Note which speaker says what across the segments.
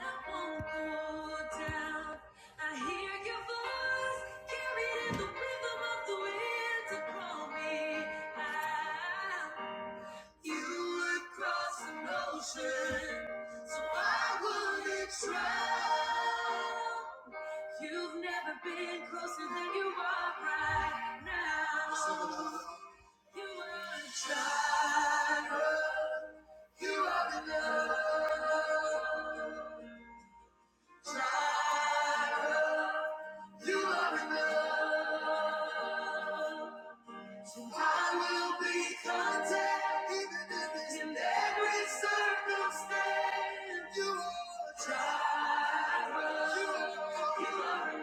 Speaker 1: I hear your voice carried in the rhythm of the wind to me You would cross an ocean, so I wouldn't drown. You've never been closer than you are right now. You are a child. You enough.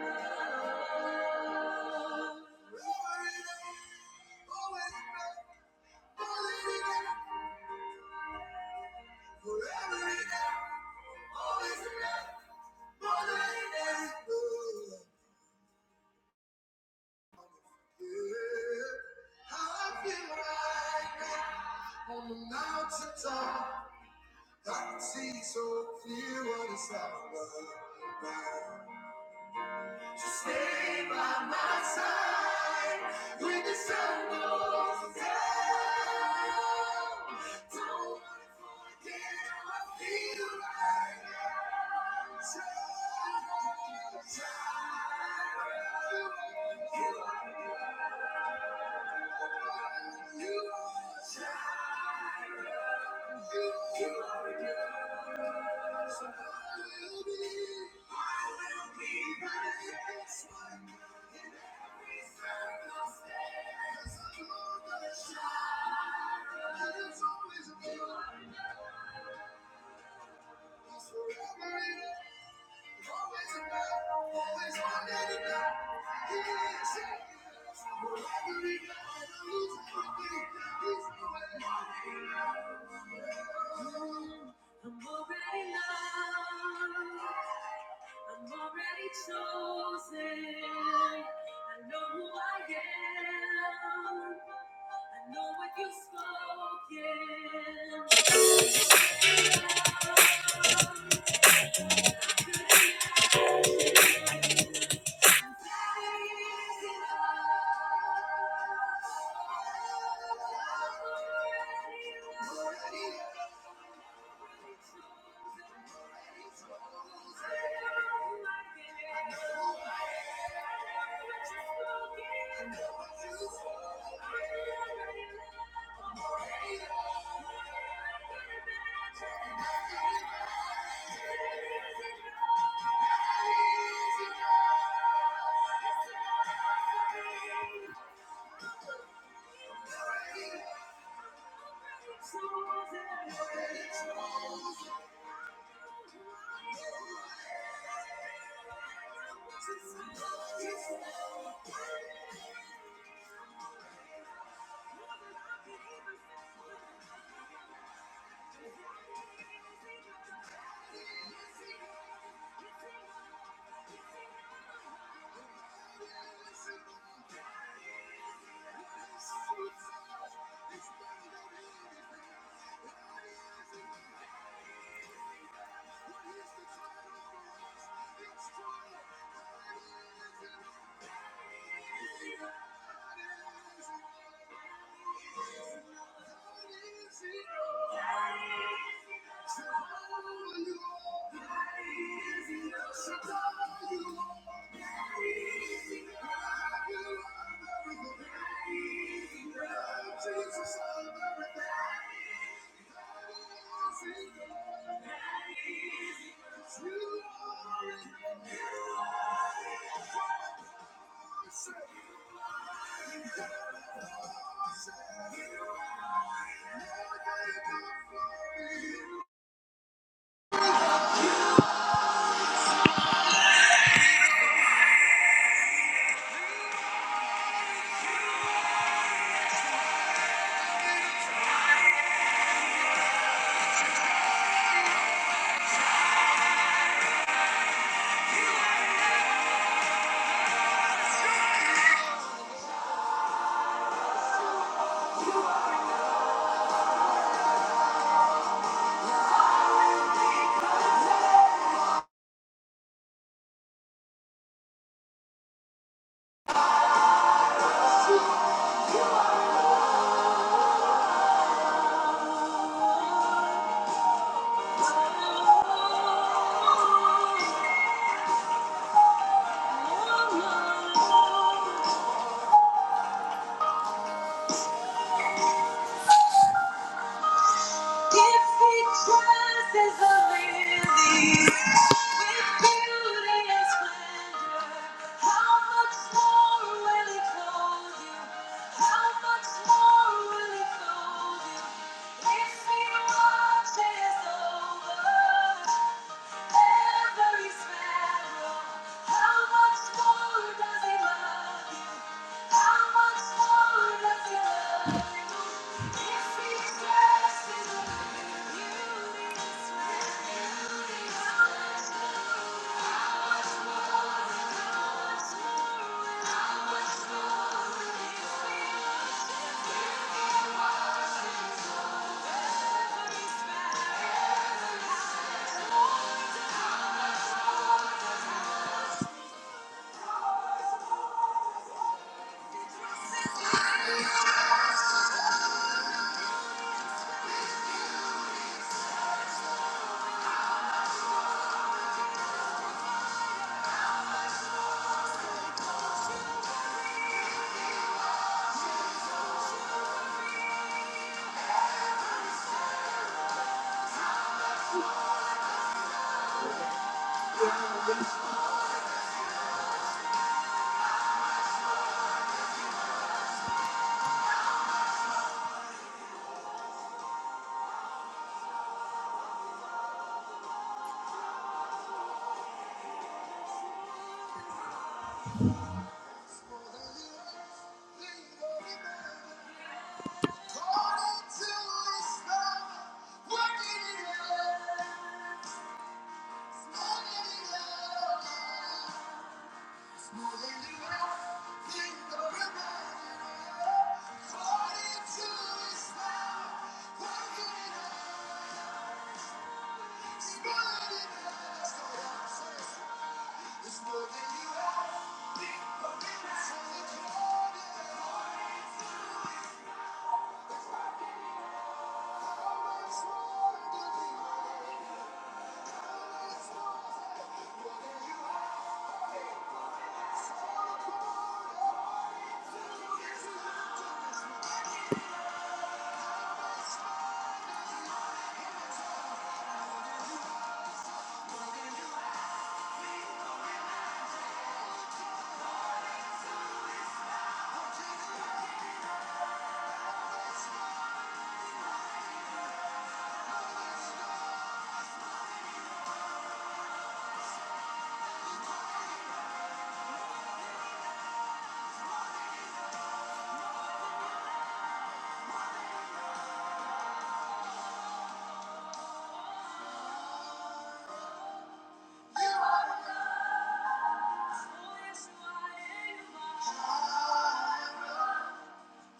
Speaker 1: I'm already loved. already chosen. I know who I am. I know what you've spoken. Thank you. Jesus,
Speaker 2: I was wondering.
Speaker 1: If he dresses the lilies with beauty and splendor, how much more will he clothe you? How much more will he clothe you? If he watches over every sparrow, how much more does he love you?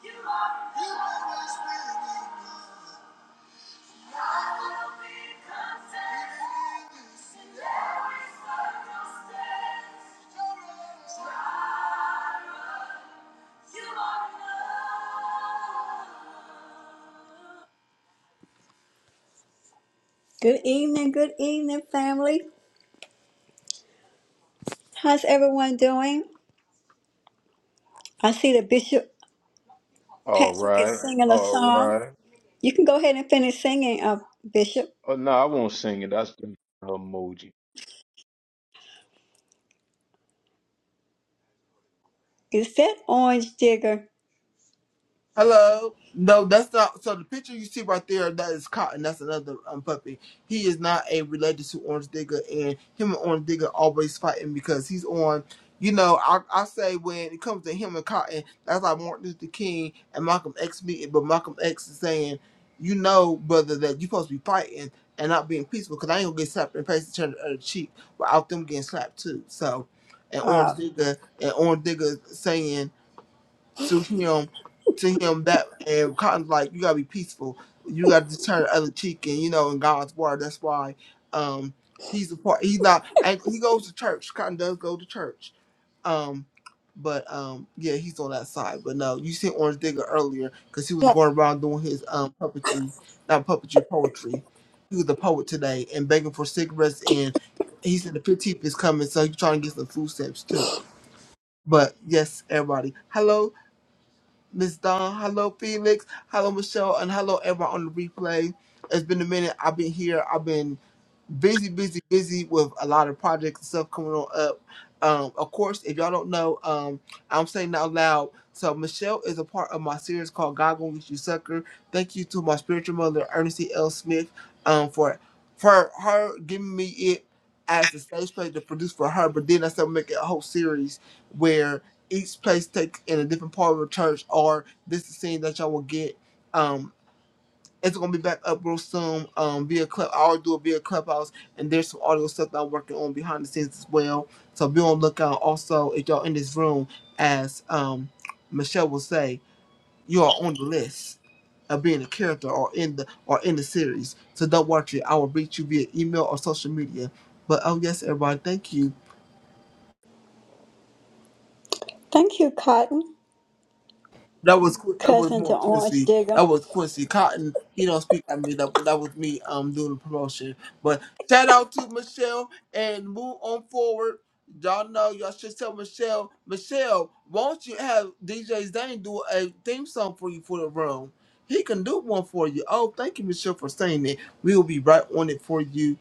Speaker 1: You are, I will be content. Good evening, good evening, family. How's everyone doing? I see that Bishop
Speaker 2: All
Speaker 1: Patrick is
Speaker 2: right,
Speaker 1: singing a
Speaker 2: all
Speaker 1: song.
Speaker 2: right.
Speaker 1: You can go ahead and finish singing, uh, Bishop.
Speaker 2: Oh no, I won't sing it. That's the emoji.
Speaker 1: Is that Orange Digger?
Speaker 3: Hello. No, that's not. So the picture you see right there, that is Cotton. That's another um, puppy. He is not a related to Orange Digger, and him and Orange Digger always fighting because he's on. You know, I, I say when it comes to him and Cotton, that's like Martin Luther King and Malcolm X meeting, but Malcolm X is saying, you know, brother, that you supposed to be fighting and not being peaceful because I ain't gonna get slapped in the face and turn the other cheek without them getting slapped too. So, and
Speaker 1: Uh,
Speaker 3: Orange Digger and Orange Digger saying to him to him that and Cotton's like, You gotta be peaceful. You gotta just turn the other cheek and you know, in God's word, that's why um he's the part he's not and he goes to church. Cotton does go to church. Um but um yeah, he's on that side. But no, you seen Orange Digger earlier because he was
Speaker 1: yeah.
Speaker 3: going around doing his um puppetry, not puppetry, poetry. He was a poet today and begging for cigarettes and he said the fifteenth is coming, so he's trying to get some food stamps too. But yes, everybody. Hello Miss Dawn. Hello, Felix. Hello, Michelle. And hello, everyone on the replay. It's been a minute. I've been here. I've been busy, busy, busy with a lot of projects and stuff coming on up. Um, of course, if y'all don't know, um, I'm saying out loud. So Michelle is a part of my series called God Gonna Get You Sucker. Thank you to my spiritual mother, Ernestine L. Smith, um, for for her giving me it as the stage play to produce for her. But then I started making a whole series where each place takes in a different part of the church, or this is the scene that y'all will get. um, it's gonna be back up real soon. Um, via club, I'll do it via clubhouse, and there's some audio stuff that I'm working on behind the scenes as well. So be on the lookout. Also, if y'all in this room, as um Michelle will say, you are on the list of being a character or in the or in the series. So don't watch it. I will reach you via email or social media. But oh yes, everybody, thank you.
Speaker 1: thank you, Cotton,
Speaker 3: That was Qu- that was
Speaker 1: cousin
Speaker 3: more
Speaker 1: to Orange
Speaker 3: Quincy. That
Speaker 1: Digger.
Speaker 3: was Quincy Cotton. He don't speak at me. That that was me um doing the promotion. But shout out to Michelle and move on forward. Y'all know y'all should tell Michelle. Michelle, won't you have DJ Zane do a theme song for you for the room? He can do one for you. Oh, thank you, Michelle, for saying it. We will be right on it for you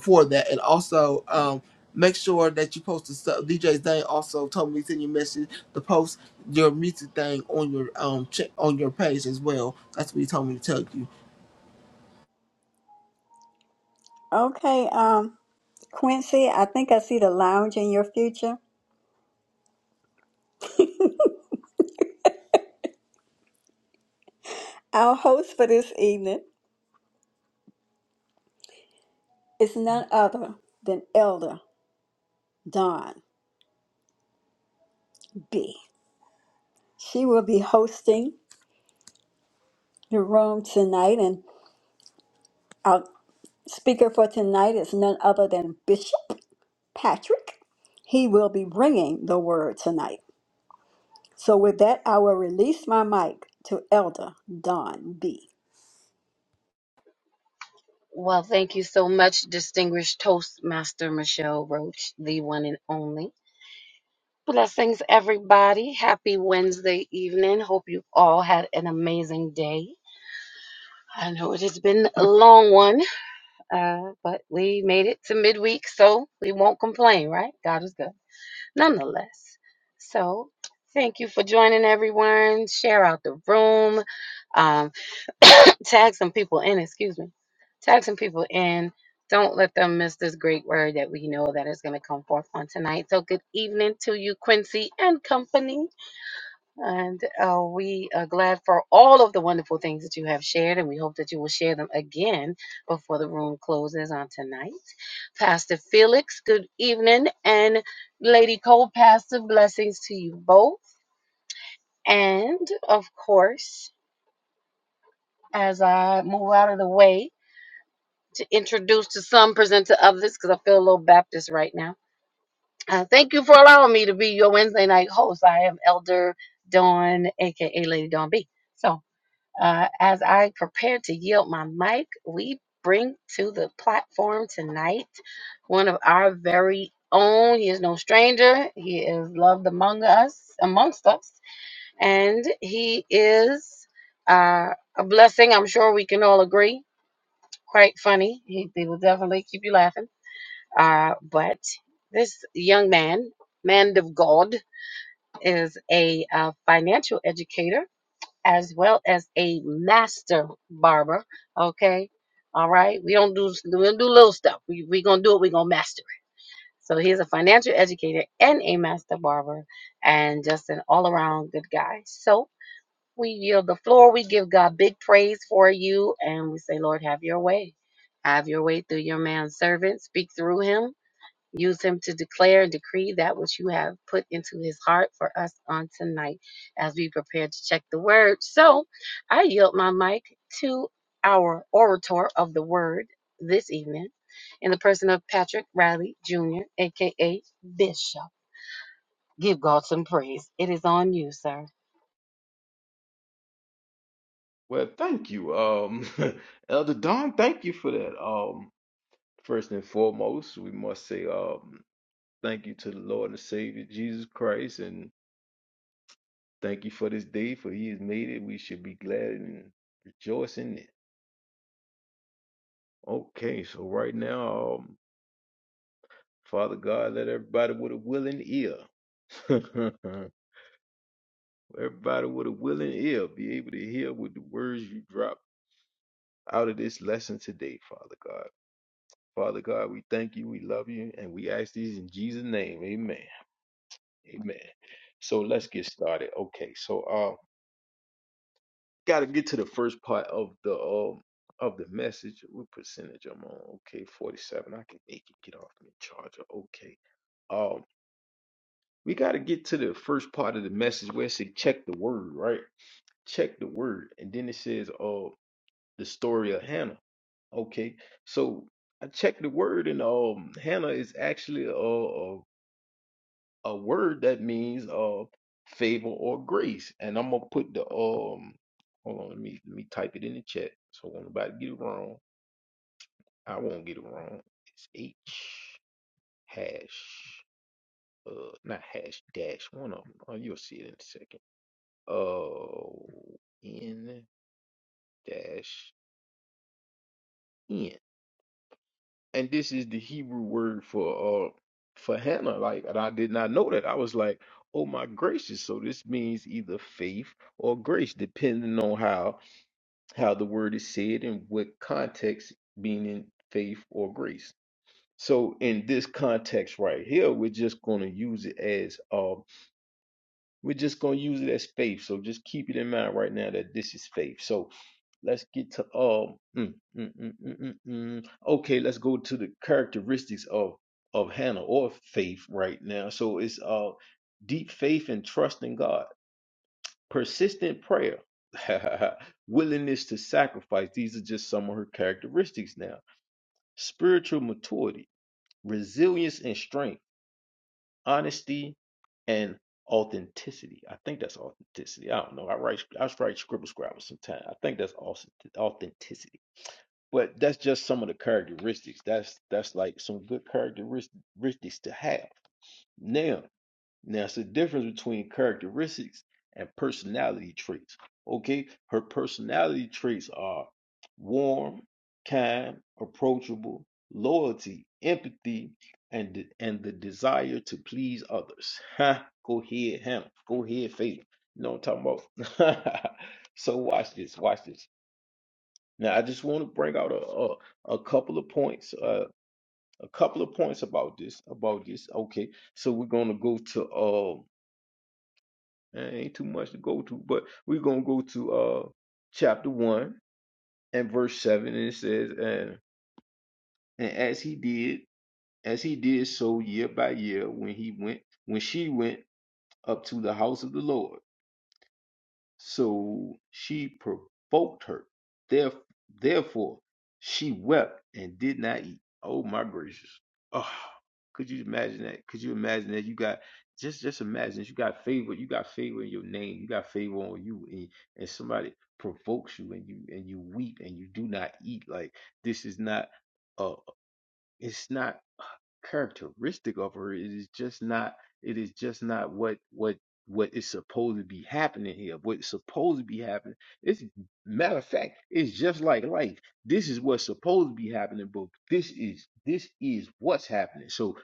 Speaker 3: for that. And also, um, make sure that you post the stuff. DJ Zane also told me to send you a message to post your music thing on your um ch- on your page as well. That's what he told me to tell you.
Speaker 1: Okay, um, Quincy, I think I see the lounge in your future. Our host for this evening is none other than Elder Dawn B. She will be hosting the room tonight, and our speaker for tonight is none other than Bishop Patrick. He will be bringing the word tonight. So, with that, I will release my mic to Elder Dawn B.
Speaker 4: Well, thank you so much, distinguished Toastmaster Michelle Roach, the one and only. Blessings, everybody. Happy Wednesday evening. Hope you all had an amazing day. I know it has been a long one, uh, but we made it to midweek, so we won't complain, right? God is good. Nonetheless, so thank you for joining everyone. Share out the room. Um, tag some people in, excuse me, tag some people in. Don't let them miss this great word that we know that is going to come forth on tonight. So good evening to you, Quincy and company. And uh, we are glad for all of the wonderful things that you have shared, and we hope that you will share them again before the room closes on tonight. Pastor Felix, good evening. And Lady Cole, Pastor, blessings to you both. And of course, as I move out of the way, to introduce to some, present to others, because I feel a little Baptist right now. Uh, thank you for allowing me to be your Wednesday night host. I am Elder Dawn, aka Lady Dawn B. So, uh, as I prepare to yield my mic, we bring to the platform tonight one of our very own. He is no stranger. He is loved among us, amongst us, and he is uh, a blessing. I'm sure we can all agree. Quite funny. He, he will definitely keep you laughing uh, but this young man, man of God, is a uh, financial educator as well as a master barber. Okay. All right. We don't do we don't do little stuff. We we gonna do it. We gonna master it. So he's a financial educator and a master barber, and just an all around good guy. So we yield the floor. We give God big praise for you, and we say, Lord, have your way. Have your way through your man servant. Speak through him Use him to declare and decree that which you have put into his heart for us on tonight as we prepare to check the word. So I yield my mic to our orator of the word this evening in the person of Patrick Riley Jr., aka Bishop. Give God some praise. It is on you, sir.
Speaker 2: Well, thank you, um, Elder Don. Thank you for that. Um, first and foremost, we must say, um, thank you to the Lord and Savior Jesus Christ, and thank you for this day, for He has made it. We should be glad and rejoice in it. Okay, so right now, um, Father God, let everybody with a willing ear Everybody with a willing ear be able to hear what the words you drop out of this lesson today, Father God. Father God, we thank you, we love you, and we ask these in Jesus' name. Amen. Amen. So let's get started. Okay, so uh gotta get to the first part of the um of the message. What percentage I'm on? Okay, 47. I can make it get off my charger. Okay. Um we gotta get to the first part of the message where it says check the word, right? Check the word. And then it says, uh the story of Hannah. Okay, so I checked the word, and um, Hannah is actually a, a a word that means uh favor or grace. And I'm gonna put the um, hold on, let me let me type it in the chat so when nobody get it wrong. I won't get it wrong. It's H hash uh not hash dash one of them. Oh, you'll see it in a second. Uh, N dash N. and this is the Hebrew word for uh for Hannah. Like, and I did not know that. I was like, oh my gracious. So this means either faith or grace, depending on how how the word is said and what context, meaning faith or grace. So in this context right here, we're just gonna use it as um, we're just gonna use it as faith. So just keep it in mind right now that this is faith. So Let's get to um. Mm, mm, mm, mm, mm, mm. Okay, let's go to the characteristics of of Hannah or faith right now. So it's uh deep faith and trust in God, persistent prayer, willingness to sacrifice. These are just some of her characteristics now. Spiritual maturity, resilience and strength, honesty, and authenticity. I think that's authenticity. I don't know. I write I write scribble scrabble sometimes. I think that's authentic- authenticity. But that's just some of the characteristics. That's that's like some good characteristics to have. Now, now it's the difference between characteristics and personality traits. Okay, her personality traits are warm, kind, approachable, loyalty, empathy, and the- and the desire to please others. Ha! Go ahead, Hannah. Go ahead, Faith. You know what I'm talking about. so watch this. Watch this. Now, I just want to bring out a, a, a couple of points, uh, a couple of points about this, about this. Okay, so we're gonna go to um, eh, ain't too much to go to, but we're gonna go to uh, chapter one and verse seven, and it says, and and as he did, as he did so year by year, when he went, when she went up to the house of the Lord. So she provoked her. Theref- Therefore, she wept and did not eat. Oh my gracious! Oh, could you imagine that? Could you imagine that? You got just just imagine that you got favor. You got favor in your name. You got favor on you, and, and somebody provokes you, and you and you weep and you do not eat. Like this is not. a it's not characteristic of her. It is just not. It is just not what what what is supposed to be happening here. What's supposed to be happening. It's matter of fact. It's just like life. This is what's supposed to be happening, but this is this is what's happening. So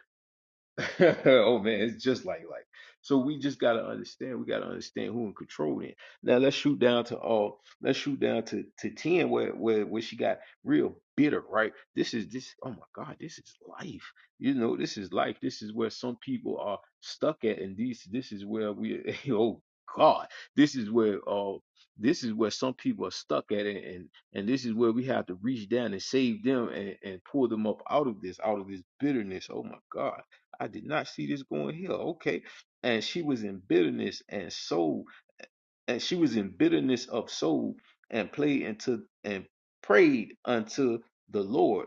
Speaker 2: oh man, it's just like like. So we just gotta understand. We gotta understand who in control in. Now let's shoot down to all. Let's shoot down to to ten where where where she got real bitter. Right. This is this. Oh my God. This is life. You know. This is life. This is where some people are stuck at, and these. This is where we. Oh God. This is where. Uh, this is where some people are stuck at, and, and and this is where we have to reach down and save them and, and pull them up out of this, out of this bitterness. Oh my God I did not see this going here. Okay. And she was in bitterness and soul, and she was in bitterness of soul and played into and prayed unto the Lord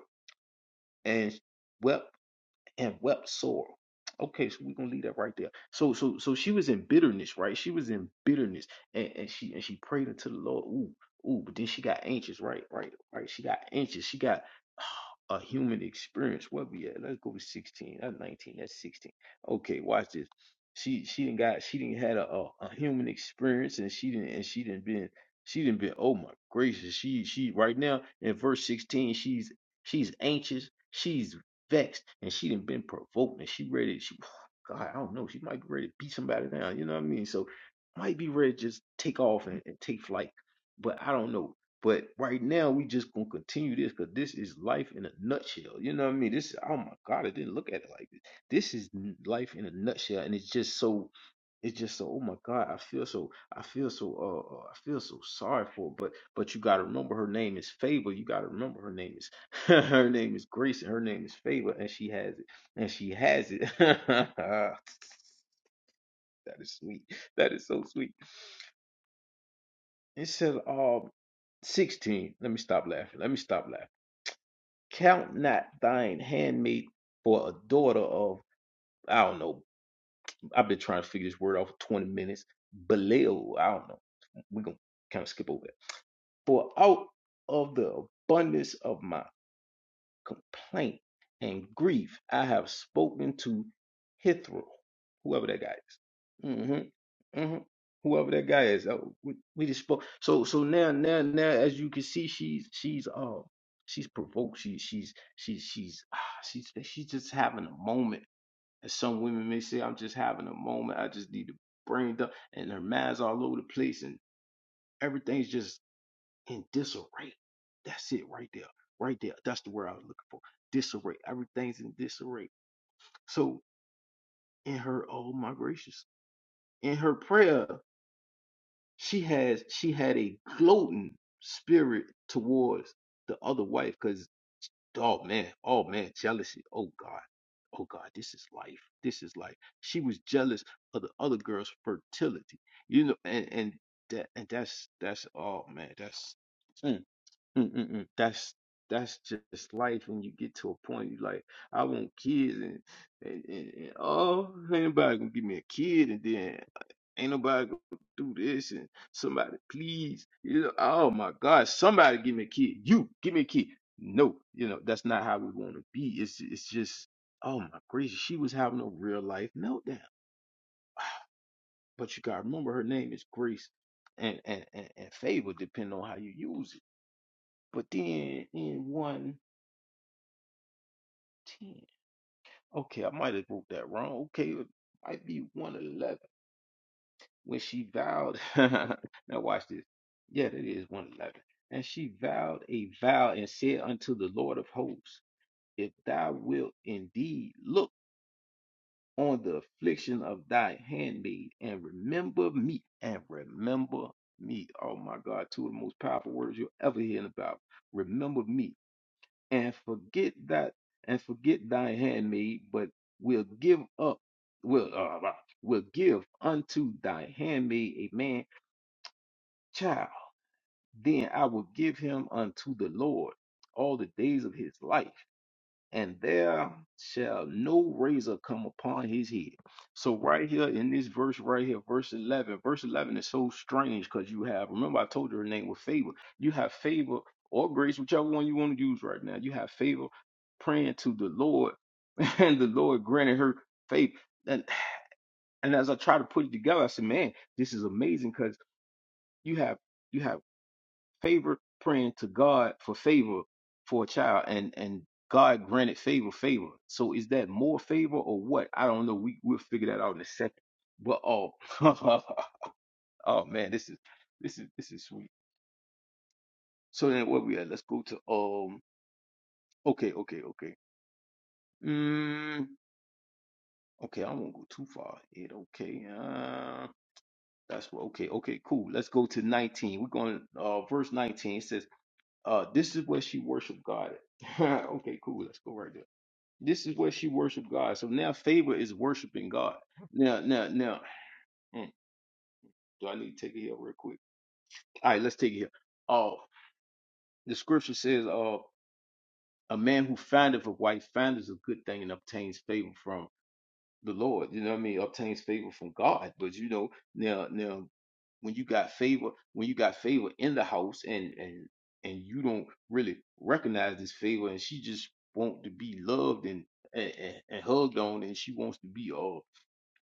Speaker 2: and wept and wept sore. Okay, so we're gonna leave that right there. So so so she was in bitterness, right? She was in bitterness and, and she and she prayed unto the Lord. Ooh, ooh, but then she got anxious, right? Right, right. She got anxious. She got a human experience. Where we at? Let's go to 16. That's 19. That's 16. Okay, watch this. She she didn't got she didn't had a, a, a human experience and she didn't and she didn't been she didn't been oh my gracious. She she right now in verse 16, she's she's anxious, she's vexed and she done been provoked and she ready she God, I don't know, she might be ready to beat somebody down, you know what I mean? So might be ready to just take off and, and take flight. But I don't know. But right now we just gonna continue this because this is life in a nutshell. You know what I mean? This oh my god, I didn't look at it like this. This is n- life in a nutshell, and it's just so it's just so oh my god i feel so i feel so uh uh, i feel so sorry for her. but but you got to remember her name is favor you got to remember her name is her name is grace and her name is favor and she has it and she has it that is sweet that is so sweet it says um 16 let me stop laughing let me stop laughing count not thine handmaid for a daughter of i don't know i've been trying to figure this word out for 20 minutes belial i don't know we're gonna kind of skip over that For out of the abundance of my complaint and grief, I have spoken to Hithro, whoever that guy is. Mm-hmm, mm-hmm. Whoever that guy is, uh, we, we just spoke. So, so now, now, now, as you can see, she's she's uh she's provoked. She, she's she's she's ah, she's she's just having a moment. As some women may say, I'm just having a moment. I just need to brain dump, and her mind's all over the place, and everything's just in disarray. That's it right there. Right there. That's the word I was looking for. Disarray. Everything's in disarray. So in her, oh my gracious, in her prayer, she has she had a gloating spirit towards the other wife because oh man, oh man, jealousy. Oh God. Oh God, this is life. This is life. She was jealous of the other girl's fertility. You know, and, and that and that's that's oh man, that's mm. Mm-mm-mm. That's that's just life when you get to a point you like, I want kids and, and, and, and oh ain't nobody gonna give me a kid and then ain't nobody gonna do this and somebody please you know oh my God somebody give me a kid you give me a kid no you know that's not how we want to be it's it's just oh my gracious she was having a real life meltdown but you gotta remember her name is Grace and and and, and favor depending on how you use it but then in one 10. Okay, I might have wrote that wrong. Okay, it might be 111. When she vowed, now watch this. Yeah, that is 111. And she vowed a vow and said unto the Lord of hosts, If thou wilt indeed look on the affliction of thy handmaid and remember me, and remember me. Oh my God, two of the most powerful words you'll ever hear in the Bible. Remember me and forget that and forget thy handmaid, but will give up will uh, uh, will give unto thy handmaid a man child. Then I will give him unto the Lord all the days of his life, and there shall no razor come upon his head. So right here in this verse right here, verse 11, verse 11 is so strange because you have, remember I told you her name was favor. You have favor or grace, whichever one you want to use right now. You have favor praying to the Lord and the Lord granted her faith. And, and as I try to put it together, I said, man, this is amazing because you have, you have favor praying to God for favor for a child and and God granted favor favor. So is that more favor or what? I don't know. We we'll figure that out in a second. But oh oh man, this is this is this is sweet. So then what we at? Let's go to um okay, okay, okay. Mm, okay, I won't go too far. It okay. Uh that's what okay, okay, cool. Let's go to 19. We're going uh verse 19. It says, uh this is where she worshiped God at. okay, cool. Let's go right there. This is where she worshiped God. So now favor is worshiping God. Now, now, now, hmm, do I need to take it here real quick? All right, let's take it here. Oh, the scripture says, "Uh, a man who findeth a wife findeth a good thing and obtains favor from the Lord." You know what I mean? Obtains favor from God. But you know, now, now, when you got favor, when you got favor in the house, and and and you don't really recognize this favor, and she just want to be loved and and, and and hugged on, and she wants to be all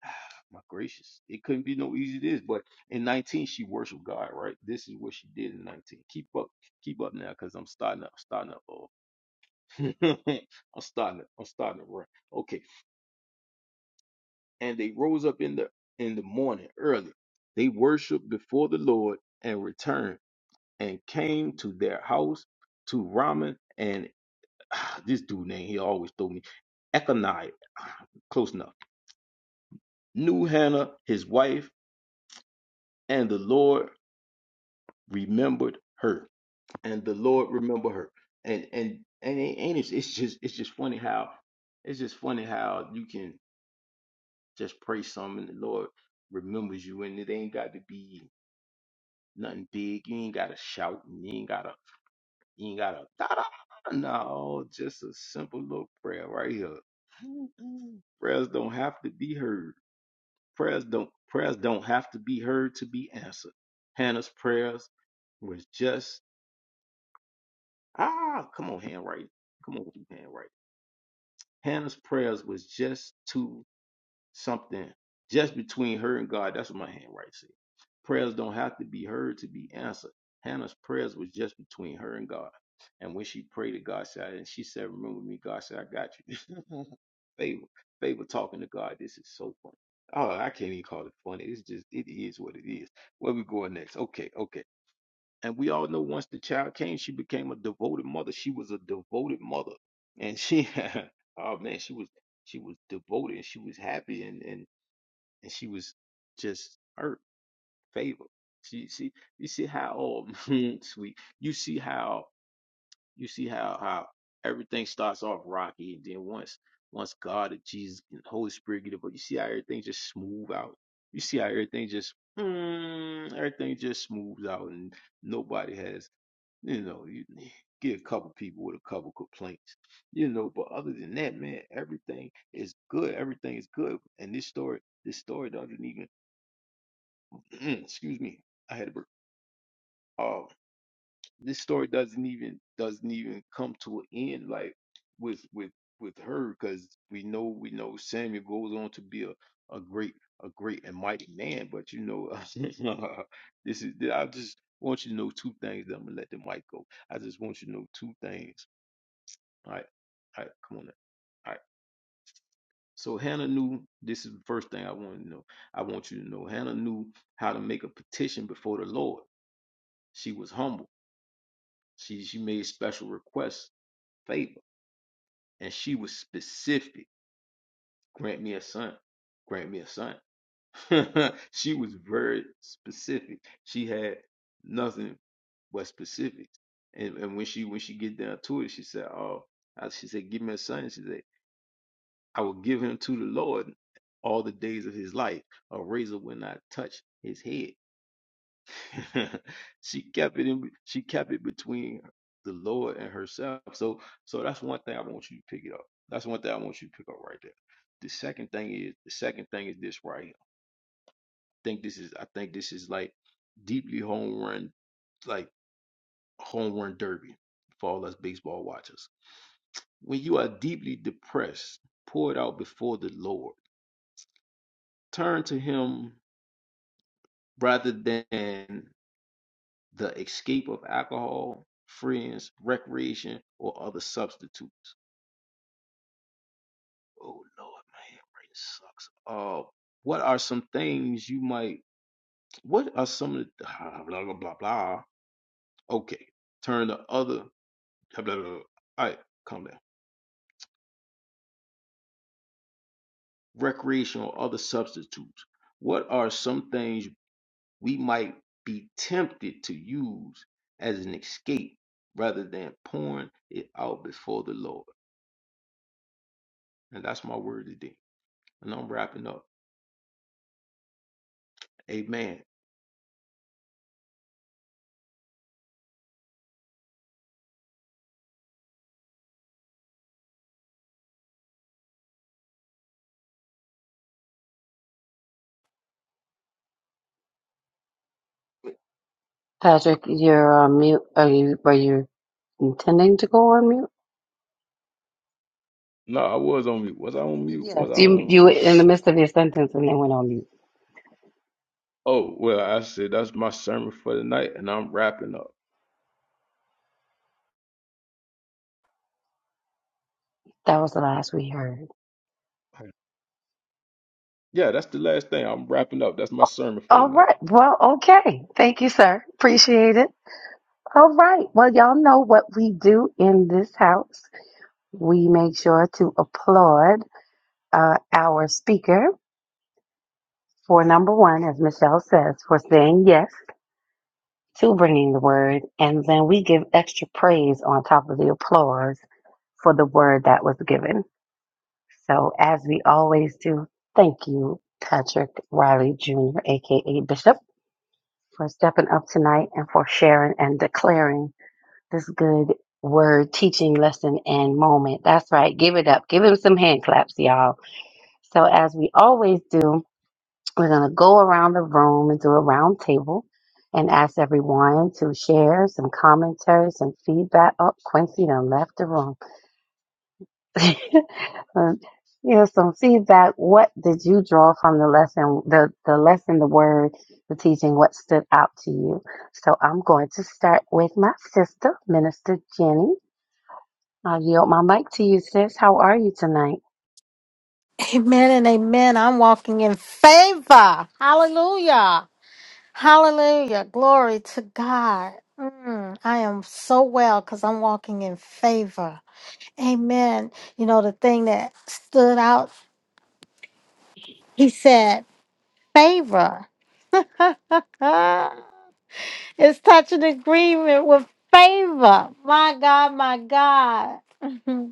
Speaker 2: my gracious, it couldn't be no easy this. But in 19, she worshiped God, right? This is what she did in 19. Keep up, keep up now, cause I'm starting up, starting up. Oh, I'm starting up, I'm starting to run. Okay, and they rose up in the in the morning early. They worshiped before the Lord and returned and came to their house to Raman and this dude name he always told me Econai, close enough. Knew Hannah, his wife, and the Lord remembered her and the lord remembered her and and and, it- and it's, it's just it's just funny how it's just funny how you can just pray something and the lord remembers you and it ain't got to be nothing big you ain't gotta shout and you ain't gotta you ain't gotta da, da, da, da. no just a simple little prayer right here prayers don't have to be heard prayers don't prayers don't have to be heard to be answered hannah's prayers was just Ah, come on, handwriting. Come on with your handwriting. Hannah's prayers was just to something, just between her and God. That's what my handwriting said. Prayers don't have to be heard to be answered. Hannah's prayers was just between her and God. And when she prayed to God, said, and she said, Remember me, God said, I got you. favor, favor talking to God. This is so funny. Oh, I can't even call it funny. It's just, it is what it is. Where we going next? Okay, okay. And we all know once the child came, she became a devoted mother. She was a devoted mother. And she oh man, she was she was devoted and she was happy and and, and she was just her favor. She see you see how oh sweet. You see how you see how how everything starts off rocky and then once once God and Jesus and Holy Spirit get involved, you see how everything just smooth out. You see how everything just mm, everything just smooths out and nobody has you know, you get a couple people with a couple complaints. You know, but other than that, man, everything is good. Everything is good. And this story, this story doesn't even excuse me. I had a burp. Um, this story doesn't even doesn't even come to an end like with with with her because we know we know Samuel goes on to be a, a great a great and mighty man. But you know, this is I just want you to know two things. I'm gonna let the mic go. I just want you to know two things All right. All right. Come on. Now. All right. So Hannah knew this is the first thing I want to know. I want you to know Hannah knew how to make a petition before the Lord. She was humble. She she made special requests, favor, and she was specific. Grant me a son. Grant me a son. she was very specific. She had nothing but specifics. And and when she when she get down to it, she said, "Oh," I- she said, "Give me a son." She said. I will give him to the Lord all the days of his life. A razor will not touch his head. she kept it in she kept it between the Lord and herself. So so that's one thing I want you to pick it up. That's one thing I want you to pick up right there. The second thing is the second thing is this right here. I think this is I think this is like deeply home run like home run derby for all us baseball watchers. When you are deeply depressed, pour it out before the Lord. Turn to him rather than the escape of alcohol, friends, recreation, or other substitutes. Oh Lord, my handwriting sucks. Uh, what are some things you might? What are some of the blah blah blah blah? blah. Okay, turn the other blah blah. blah. All right, come down. Recreation or other substitutes. What are some things we might be tempted to use as an escape rather than pouring it out before the Lord? And that's my word today. And I'm wrapping up. Amen. No, I was on mute. Was I on mute?
Speaker 4: Yes,
Speaker 2: Was I
Speaker 4: you
Speaker 2: on? Oh, well, I said that's my sermon for the night, and I'm wrapping up.
Speaker 4: that word.
Speaker 2: Yeah, that's the last thing. I'm wrapping up. That's my sermon for the
Speaker 4: All
Speaker 2: night.
Speaker 4: right. Well, okay. Thank you, sir. Appreciate it. All right. Well, y'all know what we do in this house. We make sure to applaud uh, our speaker for number one, as Michelle says, for saying yes to bringing the word. And then we give extra praise on top of the applause for the word that was given. So, as we always do, thank you, Patrick Riley Jr., aka Bishop, for stepping up tonight and for sharing and declaring this good word, teaching, lesson, and moment. That's right. Give it up. Give him some hand claps, y'all. So, as we always do, We're going to go around the room and do a round table and ask everyone to share some commentary, some feedback. Oh, Quincy done left the room. Um, you know, some feedback. What did you draw from the lesson, the, the lesson, the word, the teaching? What stood out to you? So I'm going to start with my sister, Minister Jenny. I'll yield my mic to you, sis. How are you tonight?
Speaker 5: Amen and amen. I'm walking in favor. Hallelujah. Hallelujah. Glory to God. Mm, I am so well because I'm walking in favor. Amen. You know, the thing that stood out, he said, favor. Ah, it's touching agreement with favor. My God, my God.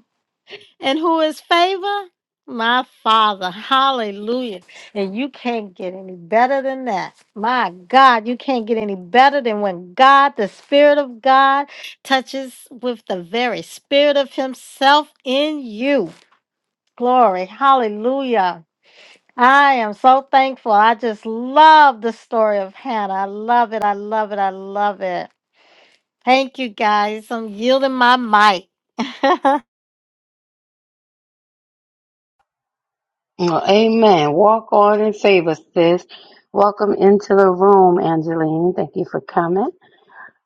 Speaker 5: And who is favor? My Father. Hallelujah. And you can't get any better than that. My God, you can't get any better than when God, the Spirit of God, touches with the very Spirit of Himself in you. Glory. Hallelujah. I am so thankful. I just love the story of Hannah. I love it. I love it. I love it. Thank you guys. I'm yielding my mic.
Speaker 4: Well, amen. Walk on in favor, sis. Welcome into the room, Angeline. Thank you for coming.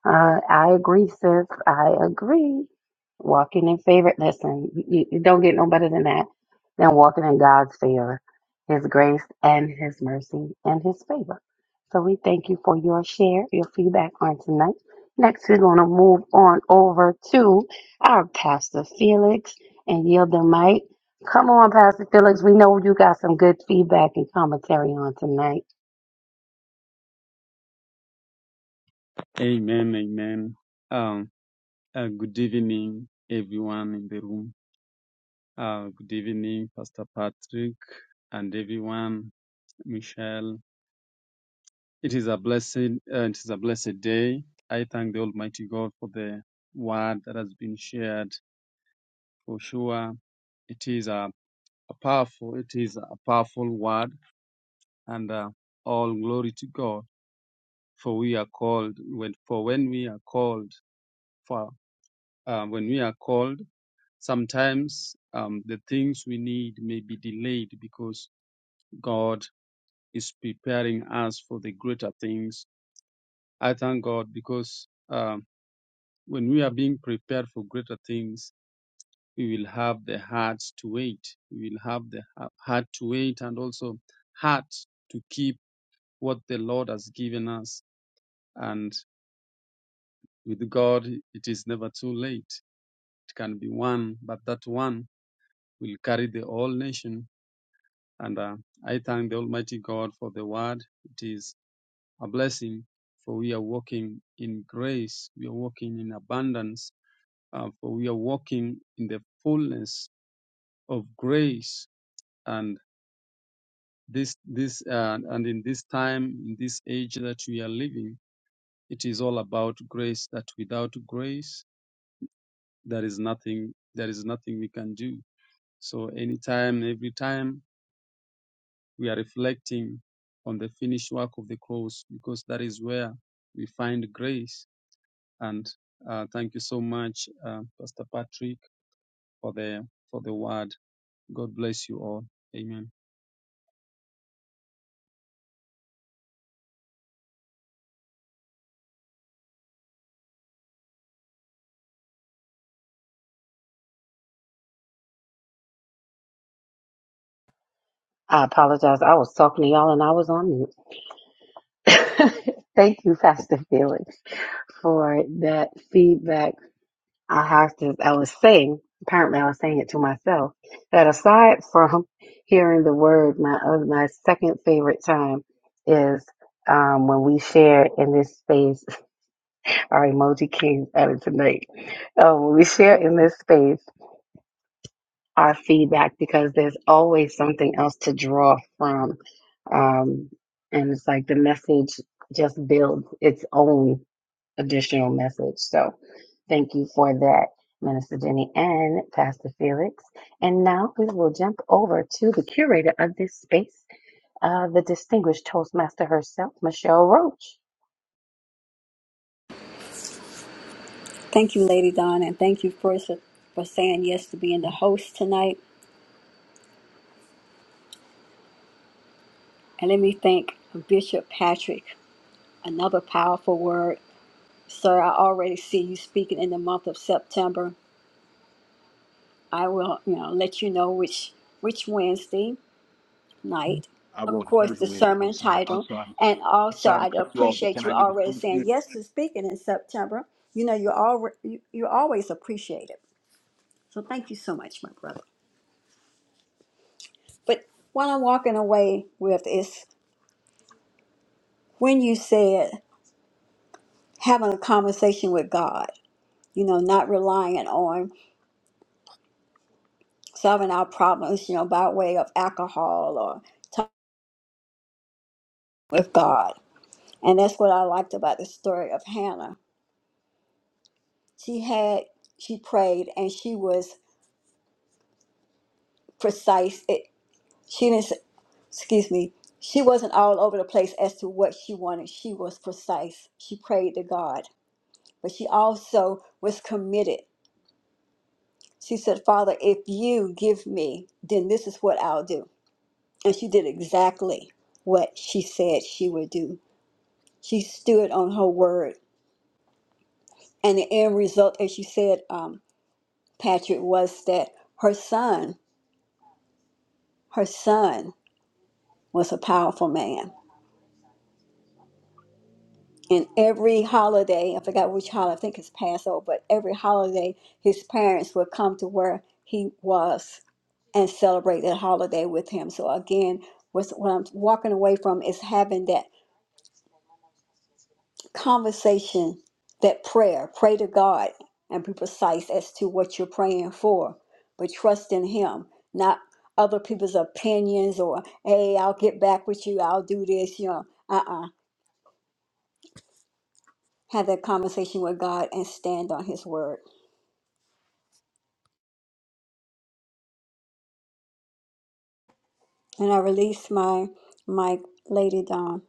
Speaker 4: Uh, I agree, sis. I agree. Walking in favor. Listen, you, you don't get no better than that than walking in God's favor, His grace and His mercy and His favor. So we thank you for your share, your feedback on tonight. Next, we're going to move on over to our Pastor Felix and yield the mic. Come on, Pastor Felix. We know you got some good feedback and commentary on tonight.
Speaker 6: Amen, amen. Um, uh, good evening, everyone in the room. Uh, good evening, Pastor Patrick and everyone, Michelle. It is a blessed, uh, it is a blessed day. I thank the Almighty God for the word that has been shared. For sure, it is a, a powerful, it is a powerful word, and uh, all glory to God. For we are called, when, for when we are called, for uh, when we are called. Sometimes um, the things we need may be delayed because God is preparing us for the greater things. I thank God because um, when we are being prepared for greater things, we will have the heart to wait. We will have the ha- heart to wait and also heart to keep what the Lord has given us. And with God, it is never too late. It can be one, but that one will carry the whole nation And uh, I thank the Almighty God for the word. It is a blessing, for we are walking in grace, we are walking in abundance, uh, for we are walking in the fullness of grace. And this, this, uh, and in this time, in this age that we are living, it is all about grace. That without grace, there is nothing, there is nothing we can do. So anytime, every time we are reflecting on the finished work of the cross because that is where we find grace. And uh, thank you so much, uh, Pastor Patrick, for the for the word. God bless you all. Amen.
Speaker 4: I apologize. I was talking to y'all and I was on mute. Thank you, Pastor Felix, for that feedback. I have to, I was saying, apparently I was saying it to myself, that aside from hearing the word, my other, my second favorite time is um, when we share in this space, our emoji kings at it tonight. Um, when we share in this space our feedback because there's always something else to draw from. Um, and it's like the message just builds its own. additional message. So thank you for that, Minister Jenny and Pastor Felix. And now we will jump over to the curator of this space, uh, the distinguished Toastmaster herself, Michelle Roach.
Speaker 1: Thank you, Lady Dawn, and thank you first for for saying yes to being the host tonight. And let me thank Bishop Patrick, another powerful word. Sir, I already see you speaking in the month of September. I will, you know, let you know which which Wednesday night.
Speaker 2: I
Speaker 1: Of
Speaker 2: want the
Speaker 1: course,
Speaker 2: first
Speaker 1: the
Speaker 2: Wednesday. I'm
Speaker 1: sermon
Speaker 2: sorry. I'm
Speaker 1: title,
Speaker 2: sorry.
Speaker 1: and
Speaker 2: I'm
Speaker 1: also
Speaker 2: sorry to
Speaker 1: I
Speaker 2: cut you off, but
Speaker 1: appreciate
Speaker 2: can
Speaker 1: you
Speaker 2: I get the
Speaker 1: already
Speaker 2: first Wednesday?
Speaker 1: saying yes to speaking in September. You know, you are already you, you always appreciate So thank you so much, my brother. But what I'm walking away with is when you said having a conversation with God. You know, not relying on solving our problems, you know, by way of alcohol or with God. And that's what I liked about the story of Hannah. She had, she prayed and she was precise. It, she didn't, s- excuse me, she wasn't all over the place as to what she wanted. She was precise. She prayed to God, but she also was committed. She said, Father, if you give me, then this is what I'll do. And she did exactly what she said she would do. She stood on her word. And the end result, as you said, um, Patrick was that her son, her son was a powerful man. And every holiday, I forgot which holiday, I think it's Passover, but every holiday, his parents would come to where he was and celebrate that holiday with him. So again, what's, what I'm walking away from is having that conversation, that prayer, pray to God and be precise as to what you're praying for, but trust in Him, not other people's opinions or, hey, I'll get back with you, I'll do this, you know. Uh uh Have that conversation with God and stand on His word. And I release my, my Lady Dawn.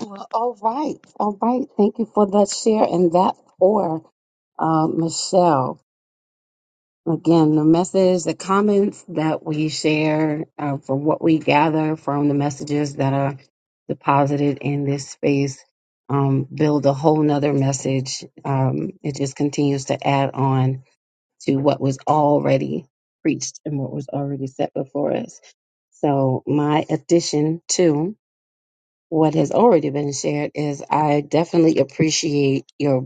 Speaker 4: Well, all right, all right. Thank you for that share and that pour, uh, Michelle. Again, the message, the comments that we share uh, from what we gather from the messages that are deposited in this space um, build a whole nother message. Um, it just continues to add on to what was already preached and what was already set before us. So, my addition to what has already been shared is I definitely appreciate your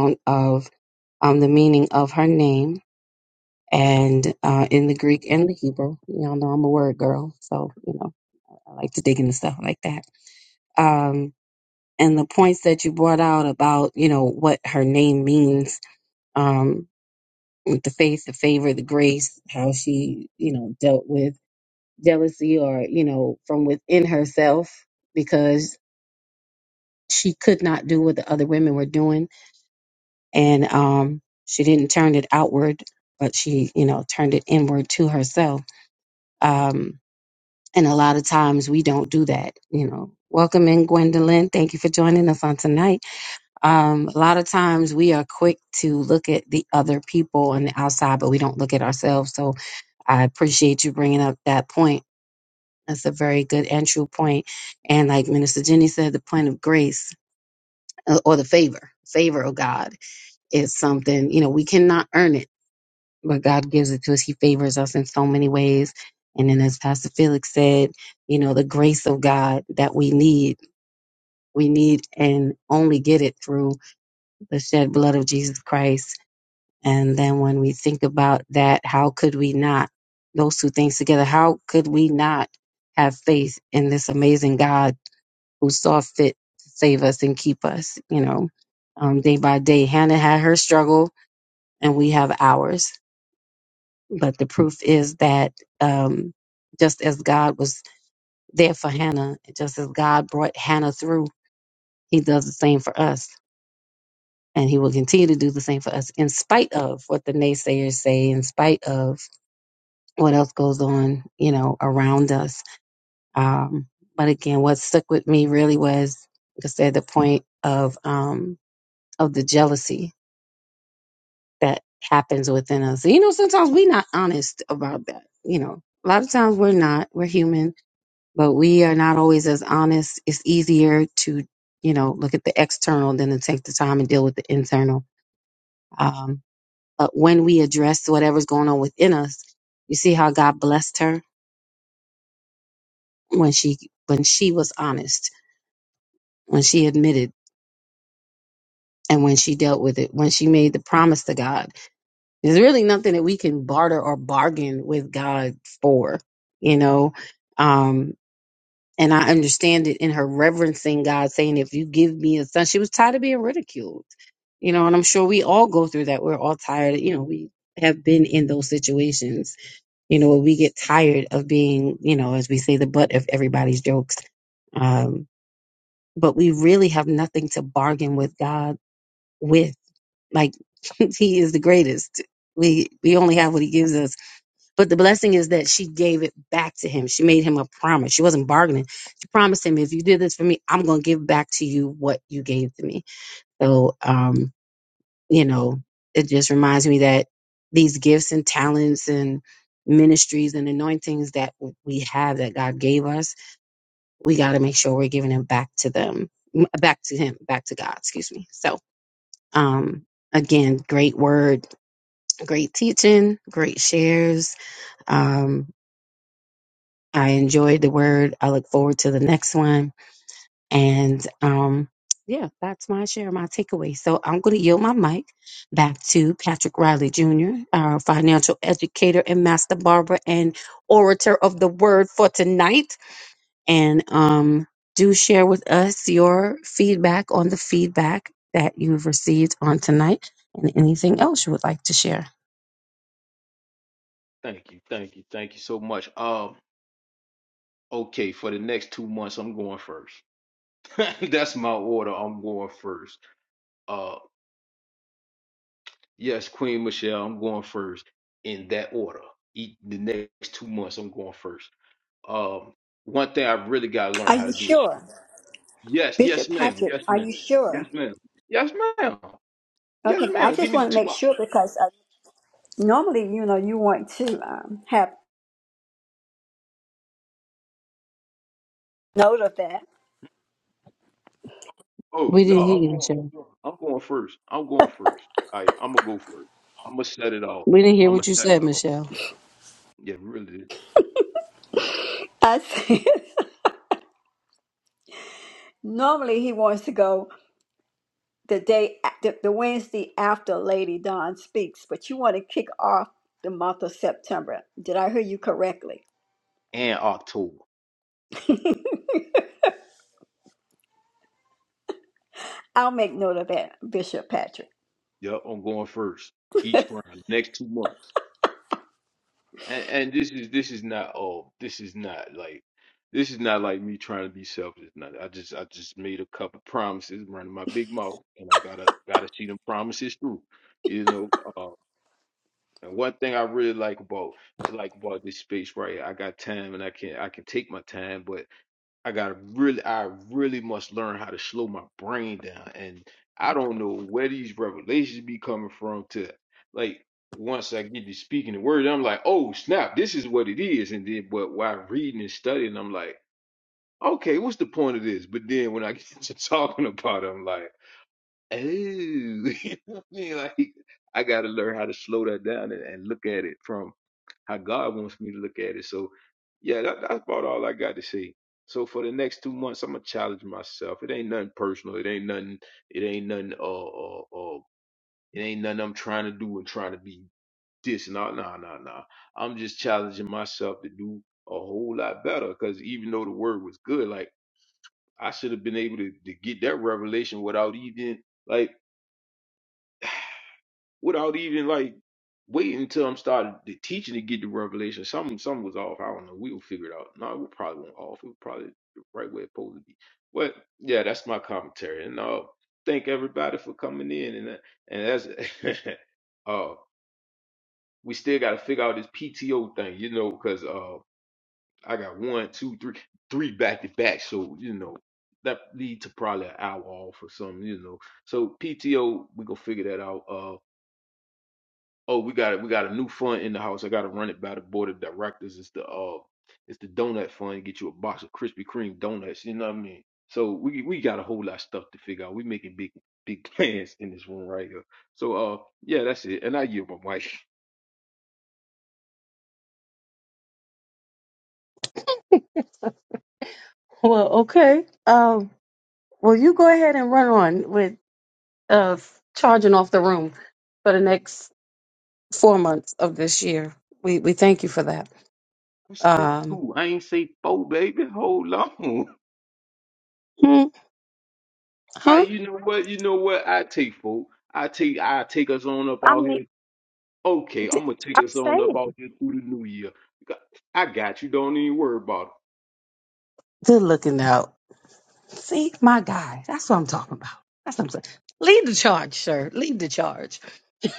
Speaker 4: own of um, of her name and uh, in the Greek and the Hebrew. Y'all know I'm a word girl, so you know I like to dig into stuff like that. Um, and the points that you brought out about you know what her name means, um, with the faith, the favor, the grace, how she you know dealt with jealousy or you know from within herself because she could not do what the other women were doing, and um, she didn't turn it outward, but she you know turned it inward to herself. Um, And a lot of times we don't do that, you know. Welcome in, Gwendolyn. Thank you for joining us on tonight. Um, a lot of times we are quick to look at the other people on the outside, but we don't look at ourselves. So I appreciate you bringing up that point. That's a very good entry point. And like Minister Jenny said, the point of grace uh, or the favor, favor of God is something, you know, we cannot earn it but God gives it to us. He favors us in so many ways. And then, as Pastor Felix said, you know, the grace of God that we need, we need and only get it through the shed blood of Jesus Christ. And then, when we think about that, how could we not, those two things together, how could we not have faith in this amazing God who saw fit to save us and keep us, you know, um, day by day? Hannah had her struggle, and we have ours but the proof is that um, just as God was there for Hannah, just as God brought Hannah through, He does the same for us. And He will continue to do the same for us in spite of what the naysayers say, in spite of what else goes on, you know, around us. Um, but again, what stuck with me really was, like I said, the point of um, of the jealousy that happens within us. You know, sometimes we're not honest about that. You know, a lot of times we're not. We're human but we are not always as honest. It's easier to, you know, look at the external than to take the time and deal with the internal. Um, but when we address whatever's going on within us, you see how God blessed her when she when she was honest, when she admitted, and when she dealt with it, when she made the promise to God. There's really nothing that we can barter or bargain with God for, you know. Um, and I understand it in her reverencing God, saying, "If you give me a son," she was tired of being ridiculed you know, and I'm sure we all go through that. We're all tired, you know, we have been in those situations, you know, where we get tired of being, you know, as we say, the butt of everybody's jokes. Um, but we really have nothing to bargain with God with. Like he is the greatest. We we only have what he gives us. But the blessing is that she gave it back to him. She made him a promise. She wasn't bargaining. She promised him, if you do this for me, I'm gonna give back to you what you gave to me. So um you know, it just reminds me that these gifts and talents and ministries and anointings that we have that God gave us, we got to make sure we're giving them back to them, m- back to Him, back to God, excuse me. So, um, again, great word, great teaching, great shares. Um, I enjoyed the word. I look forward to the next one And um, yeah, that's my share, my takeaway. So I'm going to yield my mic back to Patrick Riley Jr., our financial educator and master barber and orator of the word for tonight. And um, do share with us your feedback on the feedback that you've received on tonight and anything else you would like to share.
Speaker 2: Thank you. Thank you. Thank you so much. Um, okay, for the next two months, I'm going first. That's my order. I'm going first. Uh, Yes, Queen Michelle, I'm going first in that order. Eat the next two months, I'm going first. Um, one thing I've really got to learn
Speaker 1: Are
Speaker 2: how
Speaker 1: you
Speaker 2: to do is
Speaker 1: sure?
Speaker 2: yes, yes,
Speaker 1: Bishop
Speaker 2: ma'am,
Speaker 1: Patrick,
Speaker 2: yes,
Speaker 1: are
Speaker 2: ma'am,
Speaker 1: you
Speaker 2: yes,
Speaker 1: sure?
Speaker 2: ma'am, yes, ma'am, yes,
Speaker 1: Okay, I
Speaker 2: ma'am. Give
Speaker 1: just
Speaker 2: me the
Speaker 1: want to make
Speaker 2: two.
Speaker 1: sure because uh, normally, you know, you want to um, have note of that.
Speaker 2: Oh
Speaker 4: We
Speaker 2: no,
Speaker 4: didn't hear
Speaker 2: I'm
Speaker 4: you,
Speaker 2: going. I'm
Speaker 4: Michelle.
Speaker 2: going I'm going first. I'm going first. All right, I'm gonna go first. I'm gonna set it off.
Speaker 4: We didn't hear
Speaker 2: I'm
Speaker 4: what
Speaker 2: gonna
Speaker 4: you
Speaker 2: set it
Speaker 4: said,
Speaker 2: off.
Speaker 4: Michelle.
Speaker 2: Yeah, really.
Speaker 1: I see. Normally, he wants to go the day, a- the, the Wednesday after Lady Dawn speaks, but you want to kick off the month of September. Did I hear you correctly?
Speaker 2: And October.
Speaker 1: I'll make note of that, Bishop Patrick.
Speaker 2: Yep, I'm going first each round. Next two months. and, and this is this is not all. This is not like this is not like me trying to be selfish. Nothing. I just I just made a couple promises, running my big mouth, and I gotta gotta see them promises through. You know. Uh, and one thing I really like about like about this space right, here, I got time, and I can I can take my time, but. I gotta really, I really must learn how to slow my brain down. And I don't know where these revelations be coming from to like once I get to speaking the word, I'm like, oh snap, this is what it is. And then but while reading and studying, I'm like, okay, what's the point of this? But then when I get to talking about it, I'm like, oh you know what I mean? Like I gotta learn how to slow that down and, and look at it from how God wants me to look at it. So, yeah, that, that's about all I got to say. So for the next two months, I'm gonna challenge myself. It ain't nothing personal. It ain't nothing. It ain't nothing. Uh, uh, uh it ain't nothing I'm trying to do and trying to be this and all. Nah, nah, nah. I'm just challenging myself to do a whole lot better. Because even though the word was good, like I should have been able to, to get that revelation without even like. without even like waiting until I'm started the teaching to get the revelation. Something something was off. I don't know. We'll figure it out. No, we probably won't off. It was probably the right way it's supposed to be. But yeah, that's my commentary. And uh thank everybody for coming in and that- and that's uh we still gotta figure out this PTO thing, you know, because uh I got one, two, three, three back to back. So, you know, that lead to probably an hour off or something, you know. So PTO, we gonna figure that out. Uh Oh, we got it. We got a new fund in the house. I got to run it by the board of directors. It's the uh, it's the donut fund. Get you a box of Krispy Kreme donuts. You know what I mean? So we we got a whole lot of stuff to figure out. We making big big plans in this room right here. So uh, yeah, that's it. And I give my mic.
Speaker 4: Well, okay. Um, well, you go ahead and run on with of charging off the room for the next four months of this year. We we thank you for that.
Speaker 2: I said
Speaker 4: Um,
Speaker 2: two. I ain't say four, baby. Hold on.
Speaker 4: hmm,
Speaker 2: I
Speaker 4: huh?
Speaker 2: you know what? You know what? I take four. I take I take us on up
Speaker 4: I
Speaker 2: out
Speaker 4: mean,
Speaker 2: here. Okay, I'm
Speaker 4: d-
Speaker 2: gonna take
Speaker 4: I'm
Speaker 2: us on up
Speaker 4: saying
Speaker 2: out here through the new year. I got you. Don't even worry about it.
Speaker 4: good looking out. See, my guy. That's what I'm talking about. That's what I'm saying. Lead the charge, sir. Lead the charge.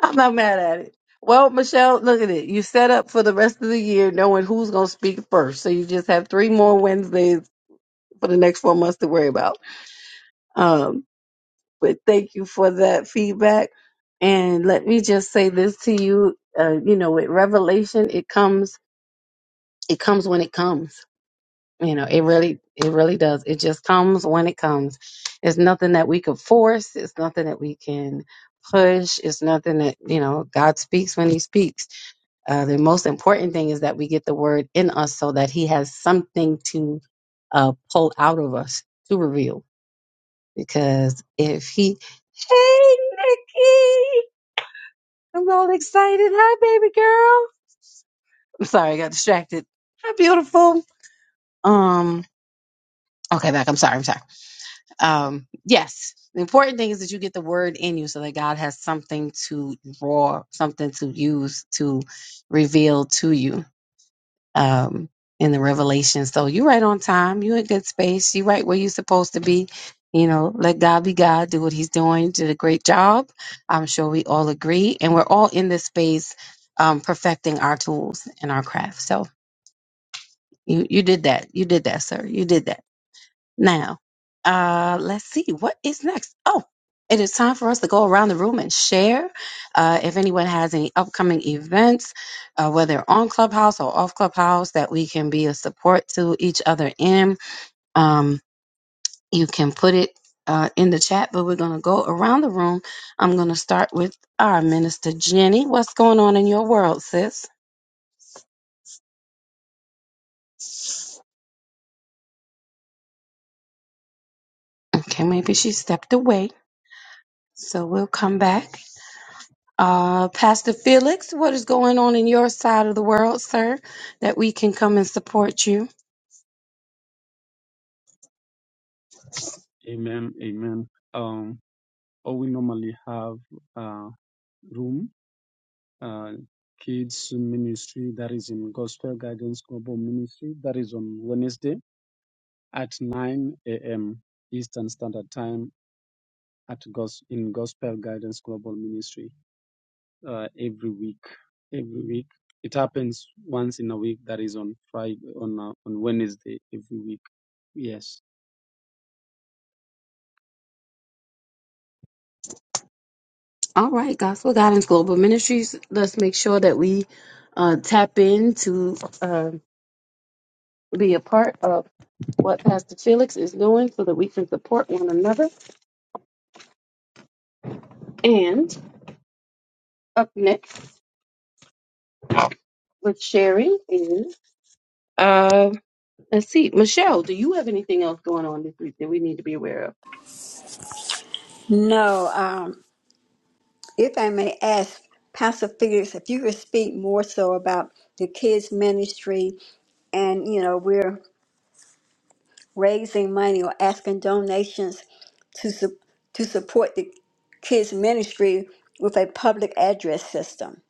Speaker 4: I'm not mad at it. Well, Michelle, look at it. You set up for the rest of the year knowing who's going to speak first. So you just have three more Wednesdays for the next four months to worry about. Um, But thank you for that feedback. And let me just say this to you, uh, you know, with revelation, it comes, it comes when it comes. You know, it really, it really does. It just comes when it comes. It's nothing that we could force. It's nothing that we can push. It's nothing that, you know, God speaks when he speaks. Uh, the most important thing is that we get the word in us so that he has something to uh, pull out of us to reveal. Because if he, I'm all excited. Sorry, I got distracted. How beautiful. Um, okay, back. I'm sorry. I'm sorry. Um, yes. The important thing is that you get the word in you so that God has something to draw, something to use to reveal to you um in the revelation. So you are right on time, you are in good space, you are right where you're supposed to be. You know, let God be God, do what he's doing, You did a great job. I'm sure we all agree. And we're all in this space um perfecting our tools and our craft. So You you did that. You did that, sir. You did that. Now, uh, let's see what is next. Oh, it is time for us to go around the room and share. Uh, if anyone has any upcoming events, uh, whether on Clubhouse or off Clubhouse, that we can be a support to each other in, um, you can put it uh, in the chat. But we're gonna go around the room. I'm gonna start with our minister Jenny. What's going on in your world, sis? Okay, maybe she stepped away, so we'll come back. Uh, Pastor Felix, what is going on in your side of the world, sir, that we can come and support you?
Speaker 6: Amen. Amen. Um, or we normally have uh, room. Uh, kids ministry that is in gospel guidance global ministry that is on wednesday at 9 a.m eastern standard time at Gos- in gospel guidance global ministry uh, every week. Every week, it happens once in a week. That is on Friday, on uh, on Wednesday every week. Yes.
Speaker 4: All right, Gospel Guidance Global Ministries. Let's make sure that we uh, tap in to uh, be a part of what Pastor Felix is doing so that we can support one another. And up next with Sherry. Uh, let's see. Michelle, do you have anything else going on this week that we need to be aware of?
Speaker 1: No, um, if I may ask, Pastor Felix, if you could speak more so about the kids' ministry and you know we're raising money or asking donations to su- to support the kids ministry with a public address system.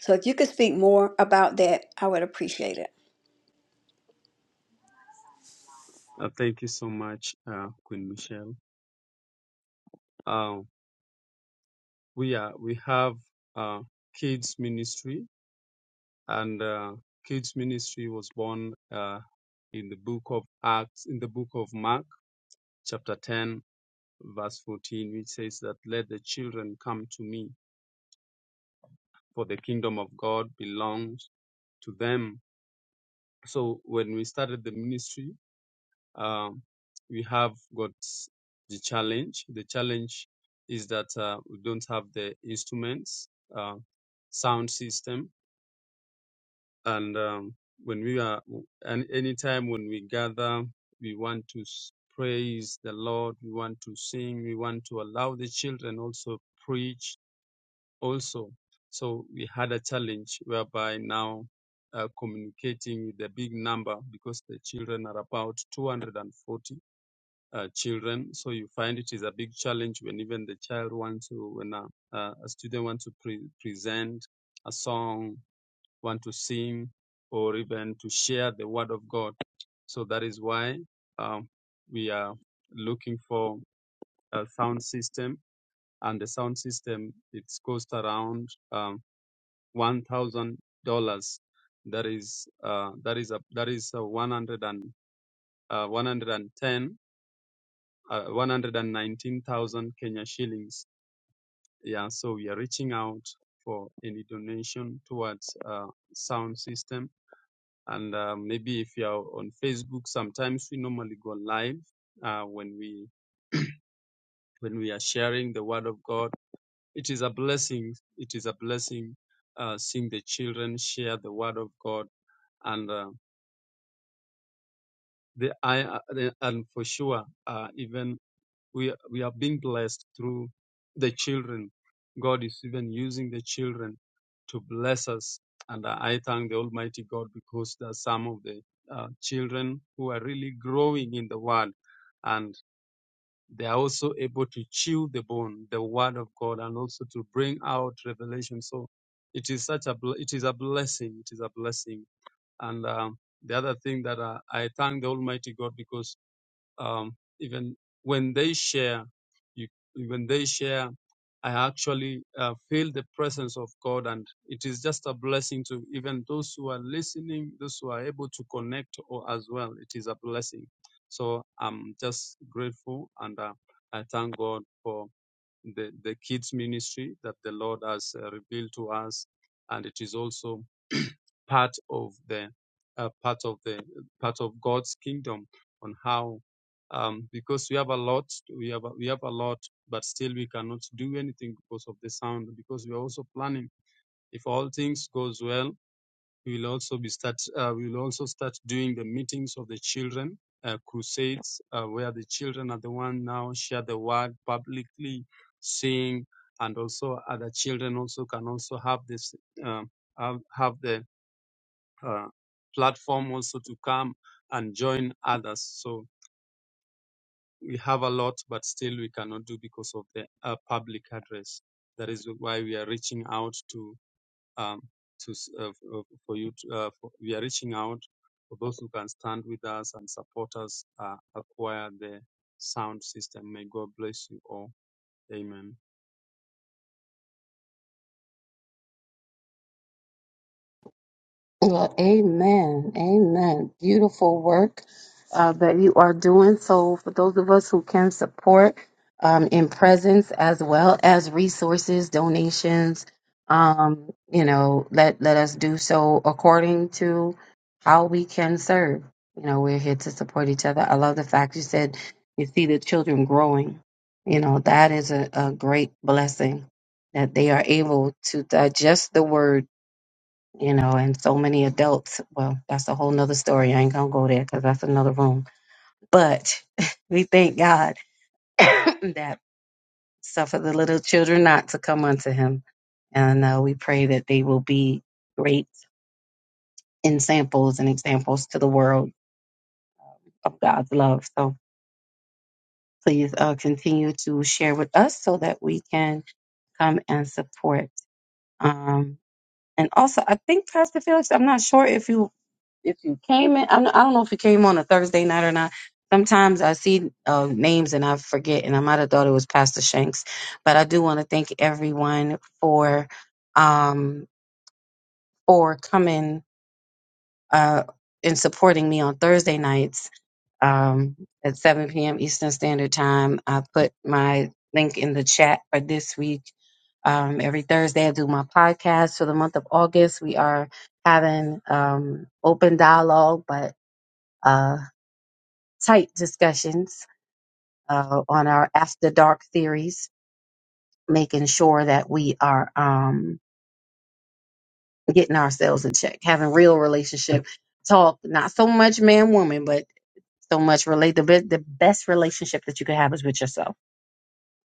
Speaker 1: So if you could speak more about that, I would appreciate it.
Speaker 6: Uh, thank you so much, uh, Queen Michelle. Uh, we are we have uh, kids ministry, and uh, kids ministry was born uh, in the book of Acts, in the book of Mark, chapter ten, verse fourteen, which says that let the children come to me, for the kingdom of God belongs to them So when we started the ministry, um, we have got the challenge. The challenge is that uh, we don't have the instruments, uh, sound system, and um, when we are and anytime when we gather, we want to s- praise the Lord. We want to sing. We want to allow the children also preach also. So we had a challenge whereby now uh, communicating with the big number because the children are about 240 uh, children. So you find it is a big challenge when even the child wants to, when a, uh, a student wants to pre- present a song, want to sing, or even to share the word of God. So that is why um, we are looking for a sound system, and the sound system it's cost around um, one thousand dollars. That is uh, that is a, that is a one hundred and uh, one hundred and ten uh, one hundred and nineteen thousand Kenya shillings. Yeah, so we are reaching out for any donation towards uh, sound system. And uh, maybe if you are on Facebook, sometimes we normally go live uh, when we when we are sharing the word of God. It is a blessing. It is a blessing uh, seeing the children share the word of God and uh, The, I, uh, the, and for sure, uh, even we, we are being blessed through the children. God is even using the children to bless us. And I thank the Almighty God because there are some of the uh, children who are really growing in the Word and they are also able to chew the bone, the Word of God, and also to bring out revelation. So it is such a bl- it is a blessing. It is a blessing. And um, the other thing that I, I thank the Almighty God because um, even when they share, you, when they share, I actually uh, feel the presence of God, and it is just a blessing to even those who are listening, those who are able to connect or as well. It is a blessing. So I'm just grateful, and uh, I thank God for the, the kids ministry that the Lord has uh, revealed to us, and it is also part of the uh, part of the part of God's kingdom on how um, because we have a lot we have a, we have a lot but still we cannot do anything because of the sound because we are also planning if all things goes well we will also be start. Uh, we will also start doing the meetings of the children uh, crusades, uh, where the children are the one now share the word publicly, sing, and also other children also can also have this um have, have the uh, platform also to come and join others. So we have a lot, but still we cannot do because of the uh, public address. That is why we are reaching out to um, to s- uh, f- uh, for you. To, uh, for, we are reaching out for those who can stand with us and support us uh, acquire the sound system. May God bless you all. Amen.
Speaker 4: Well, amen. Amen. Beautiful work uh, that you are doing. So, for those of us who can support um, in presence as well as resources, donations, um, you know, let, let us do so according to. how we can serve. You know, we're here to support each other. I love the fact you said you see the children growing. You know, that is a, a great blessing that they are able to digest the word, you know, and so many adults. Well, that's a whole nother story. I ain't going to go there because that's another room. But we thank God that suffer the little children not to come unto him. And uh, we pray that they will be great in samples and examples to the world of God's love. So, please uh, continue to share with us so that we can come and support. Um, and also, I think Pastor Felix, I'm not sure if you if you came in. I'm, I don't know if you came on a Thursday night or not. Sometimes I see uh, names and I forget, and I might have thought it was Pastor Shanks. But I do want to thank everyone for um, for coming uh, and supporting me on Thursday nights um, at 7 p.m. Eastern Standard Time. I put my link in the chat for this week. Um, every Thursday, I do my podcast for the month of August. We are having um, open dialogue, but uh, tight discussions uh, on our after dark theories, making sure that we are um, getting ourselves in check, having real relationship talk, not so much man woman, but so much relate. The, be- the best relationship that you can have is with yourself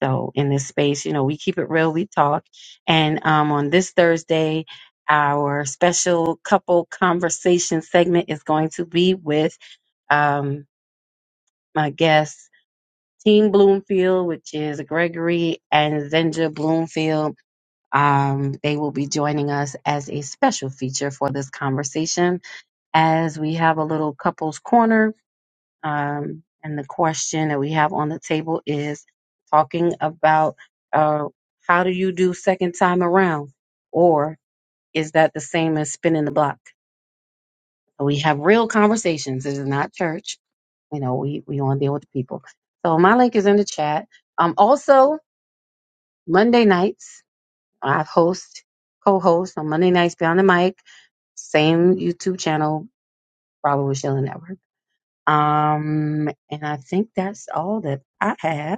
Speaker 4: though in this space. You know, we keep it real, we talk. And um, on this Thursday, our special couple conversation segment is going to be with um, my guest, Team Bloomfield, which is Gregory and Zenja Bloomfield. Um, they will be joining us as a special feature for this conversation as we have a little couples corner um, and the question that we have on the table is talking about uh, how do you do second time around? Or is that the same as spinning the block? We have real conversations. This is not church. You know, we, we want to deal with the people. So my link is in the chat. Um, also, Monday nights, I host, co host on Monday nights Beyond the Mic, same YouTube channel, Bravo with Sheila Network. Um, and I think that's all that I have.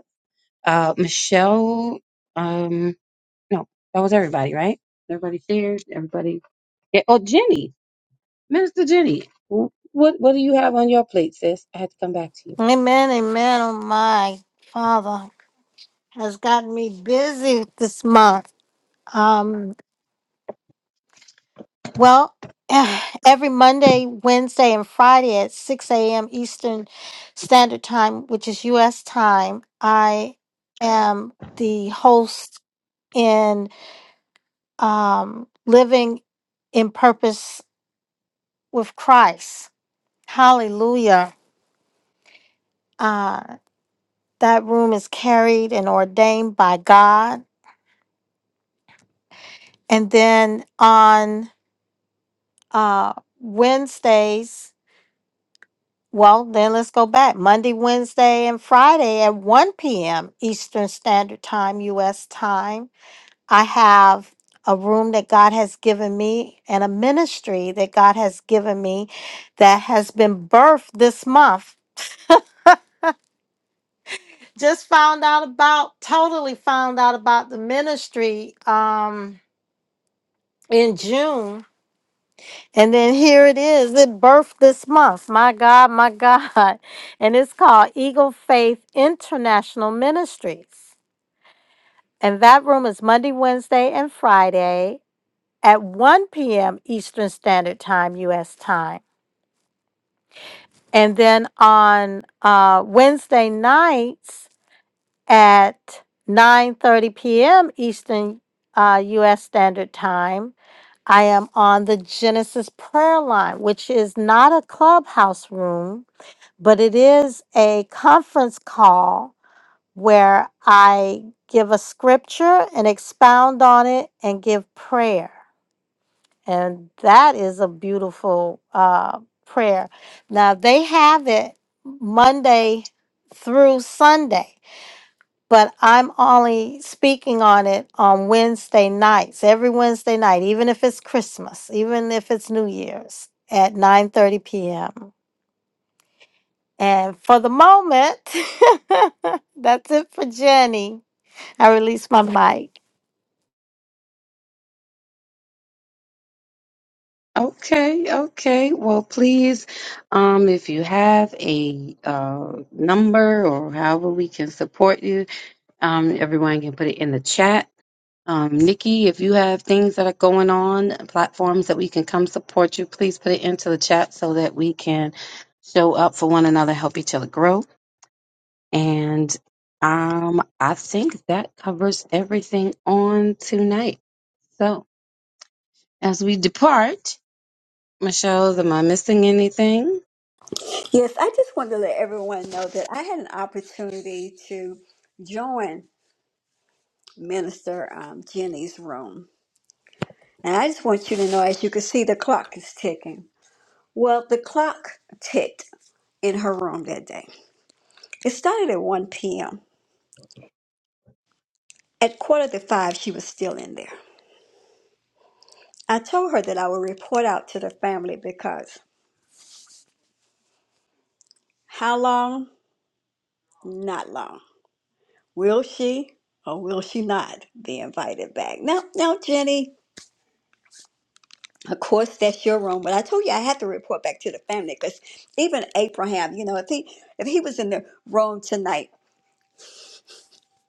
Speaker 4: Uh, Michelle, um, no, that was everybody, right? Everybody shared. Everybody. Yeah. Oh, Jenny, Minister Jenny, wh- what what do you have on your plate, sis? I had to come back to you.
Speaker 5: Amen, amen. Oh my father has gotten me busy this month. Um, well, every Monday, Wednesday, and Friday at 6 a.m. Eastern Standard Time, which is U.S. time, I am the host in um, Living in Purpose with Christ. Hallelujah. Uh, that room is carried and ordained by God. And then on uh Wednesdays. Well, then let's go back. Monday, Wednesday, and Friday at 1 p.m. Eastern Standard Time, U.S. time. I have a room that God has given me and a ministry that God has given me that has been birthed this month. Just found out about, totally found out about the ministry um, in June And then here it is. It birthed this month. My God, my God. And it's called Eagle Faith International Ministries. And that room is Monday, Wednesday, and Friday at 1 p.m. Eastern Standard Time, U.S. time. And then on uh, Wednesday nights at 9.30 p.m. Eastern uh, U.S. Standard Time, I am on the Genesis Prayer Line, which is not a clubhouse room but it is a conference call where I give a scripture and expound on it and give prayer. And that is a beautiful uh, prayer. Now, they have it Monday through Sunday, but I'm only speaking on it on Wednesday nights, every Wednesday night, even if it's Christmas, even if it's New Year's at 9 30 p.m. And for the moment, that's it for Jenny. I release my mic.
Speaker 4: Okay, okay. Well, please, um, if you have a uh, number or however we can support you. Um, everyone can put it in the chat. Um, Nikki, if you have things that are going on, platforms that we can come support you, please put it into the chat so that we can show up for one another, help each other grow. And um, I think that covers everything on tonight. So as we depart, Michelle, am I missing anything?
Speaker 1: Yes, I just wanted to let everyone know that I had an opportunity to join Minister um, Jenny's room. And I just want you to know, as you can see, the clock is ticking. Well, the clock ticked in her room that day. It started at 1 p.m. At quarter to five, she was still in there. I told her that I would report out to the family because how long? Not long. Will she or will she not be invited back? Now, now, Jenny, of course, that's your room, but I told you I had to report back to the family because even Abraham, you know, if he, if he was in the room tonight,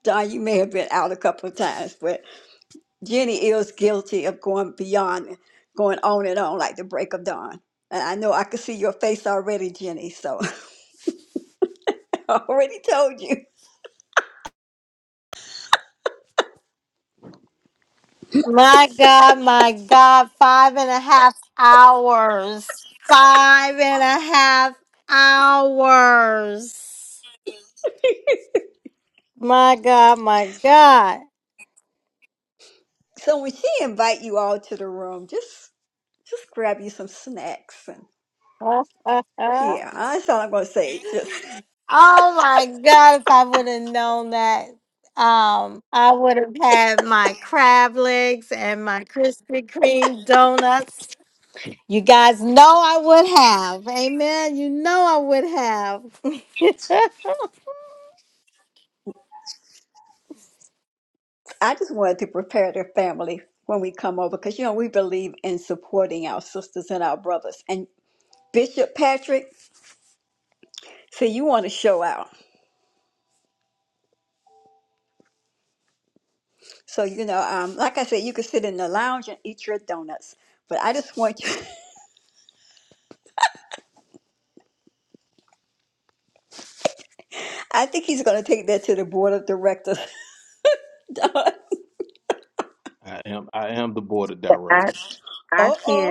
Speaker 1: Don, you may have been out a couple of times, but Jenny is guilty of going beyond, going on and on like the break of dawn. And I know I could see your face already, Jenny, so I already told you.
Speaker 5: My God, my God, five and a half hours. Five and a half hours. My God, my God.
Speaker 1: So when she invite you all to the room, just just grab you some snacks and.
Speaker 5: oh
Speaker 1: Yeah, that's all I'm going to say. Just,
Speaker 5: my God, if I would have known that, um, I would have had my crab legs and my Krispy Kreme donuts You guys know I would have. Amen. You know I would have.
Speaker 1: I just wanted to prepare the family when we come over because you know we believe in supporting our sisters and our brothers. And Bishop Patrick, so you want to show out. So you know, um, like I said, you can sit in the lounge and eat your donuts. But I just want you. I think he's going to take that to the board of directors. uh
Speaker 2: I am I am the board of directors.
Speaker 1: oh,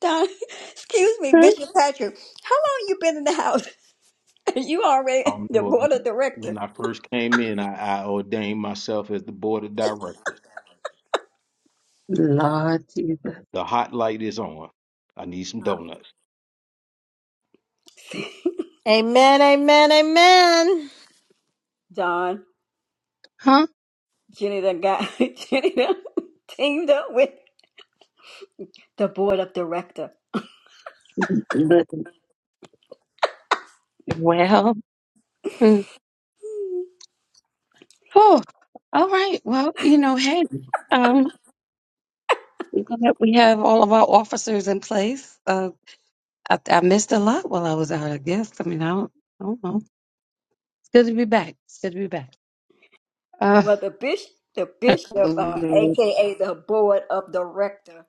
Speaker 1: Don, excuse me, Bishop Patrick. How long you been in the house? you already
Speaker 2: I'm,
Speaker 1: the board of directors,
Speaker 2: when I first came in, I, I ordained myself as the board of directors.
Speaker 4: Lord Jesus.
Speaker 2: The hot light is on. I need some donuts.
Speaker 5: amen. Amen. Amen.
Speaker 1: Don.
Speaker 4: Huh?
Speaker 1: Jenny done got Jenny done teamed up with the board of director. Well, the bishop, the bishop, uh, aka the board of director,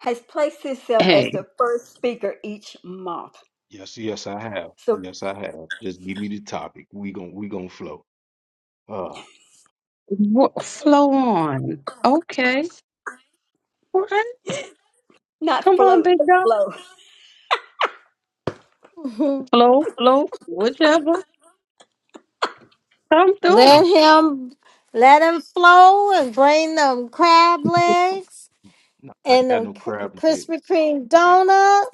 Speaker 1: has placed himself as
Speaker 4: Hey,
Speaker 1: the first speaker each month.
Speaker 2: Yes, yes, I have.
Speaker 1: So
Speaker 2: Yes, I have. Just give me the topic. We gon' we gon' flow. Uh,
Speaker 4: wha- flow on. Okay. All right.
Speaker 1: not
Speaker 4: Come on,
Speaker 1: float,
Speaker 4: big
Speaker 1: but
Speaker 4: dog.
Speaker 1: flow.
Speaker 4: Flow, flow, whichever come
Speaker 5: let
Speaker 4: through.
Speaker 5: him let him flow and bring them crab legs
Speaker 2: no, I ain't
Speaker 5: and
Speaker 2: got
Speaker 5: them
Speaker 2: no
Speaker 5: K-
Speaker 2: crab leg.
Speaker 5: Krispy Kreme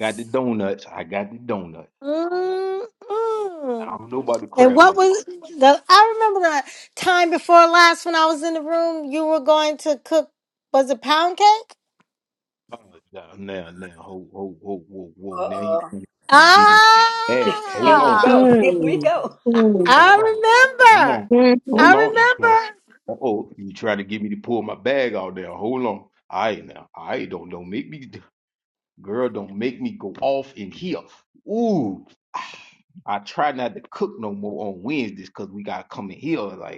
Speaker 2: Got the donuts. I got the donuts.
Speaker 5: Mm-mm.
Speaker 2: I don't know about the
Speaker 5: And
Speaker 2: crab
Speaker 5: what
Speaker 2: leg.
Speaker 5: was the? I remember the time before last when I was in the room. You were going to cook. Was it pound cake?
Speaker 2: Uh, now, now, now, ho, ho, ho, whoa,
Speaker 1: Uh
Speaker 2: whoa. Now you
Speaker 1: oh,
Speaker 2: you digging. Hey,
Speaker 1: here
Speaker 2: hold
Speaker 1: we
Speaker 2: on.
Speaker 5: Ah.
Speaker 1: go. Here we
Speaker 4: Mm.
Speaker 1: go.
Speaker 4: Mm.
Speaker 2: Hold on. Hold
Speaker 5: I remember.
Speaker 2: on.
Speaker 4: Mhm.
Speaker 5: I
Speaker 2: Hold on. You try.
Speaker 5: remember.
Speaker 2: Uh oh. You try to get me to pull my bag out there. Hold on. All right now. All right. Don't don't make me girl, don't make me go off in here. Ooh. I try not to cook no more on Wednesdays because we gotta come in here like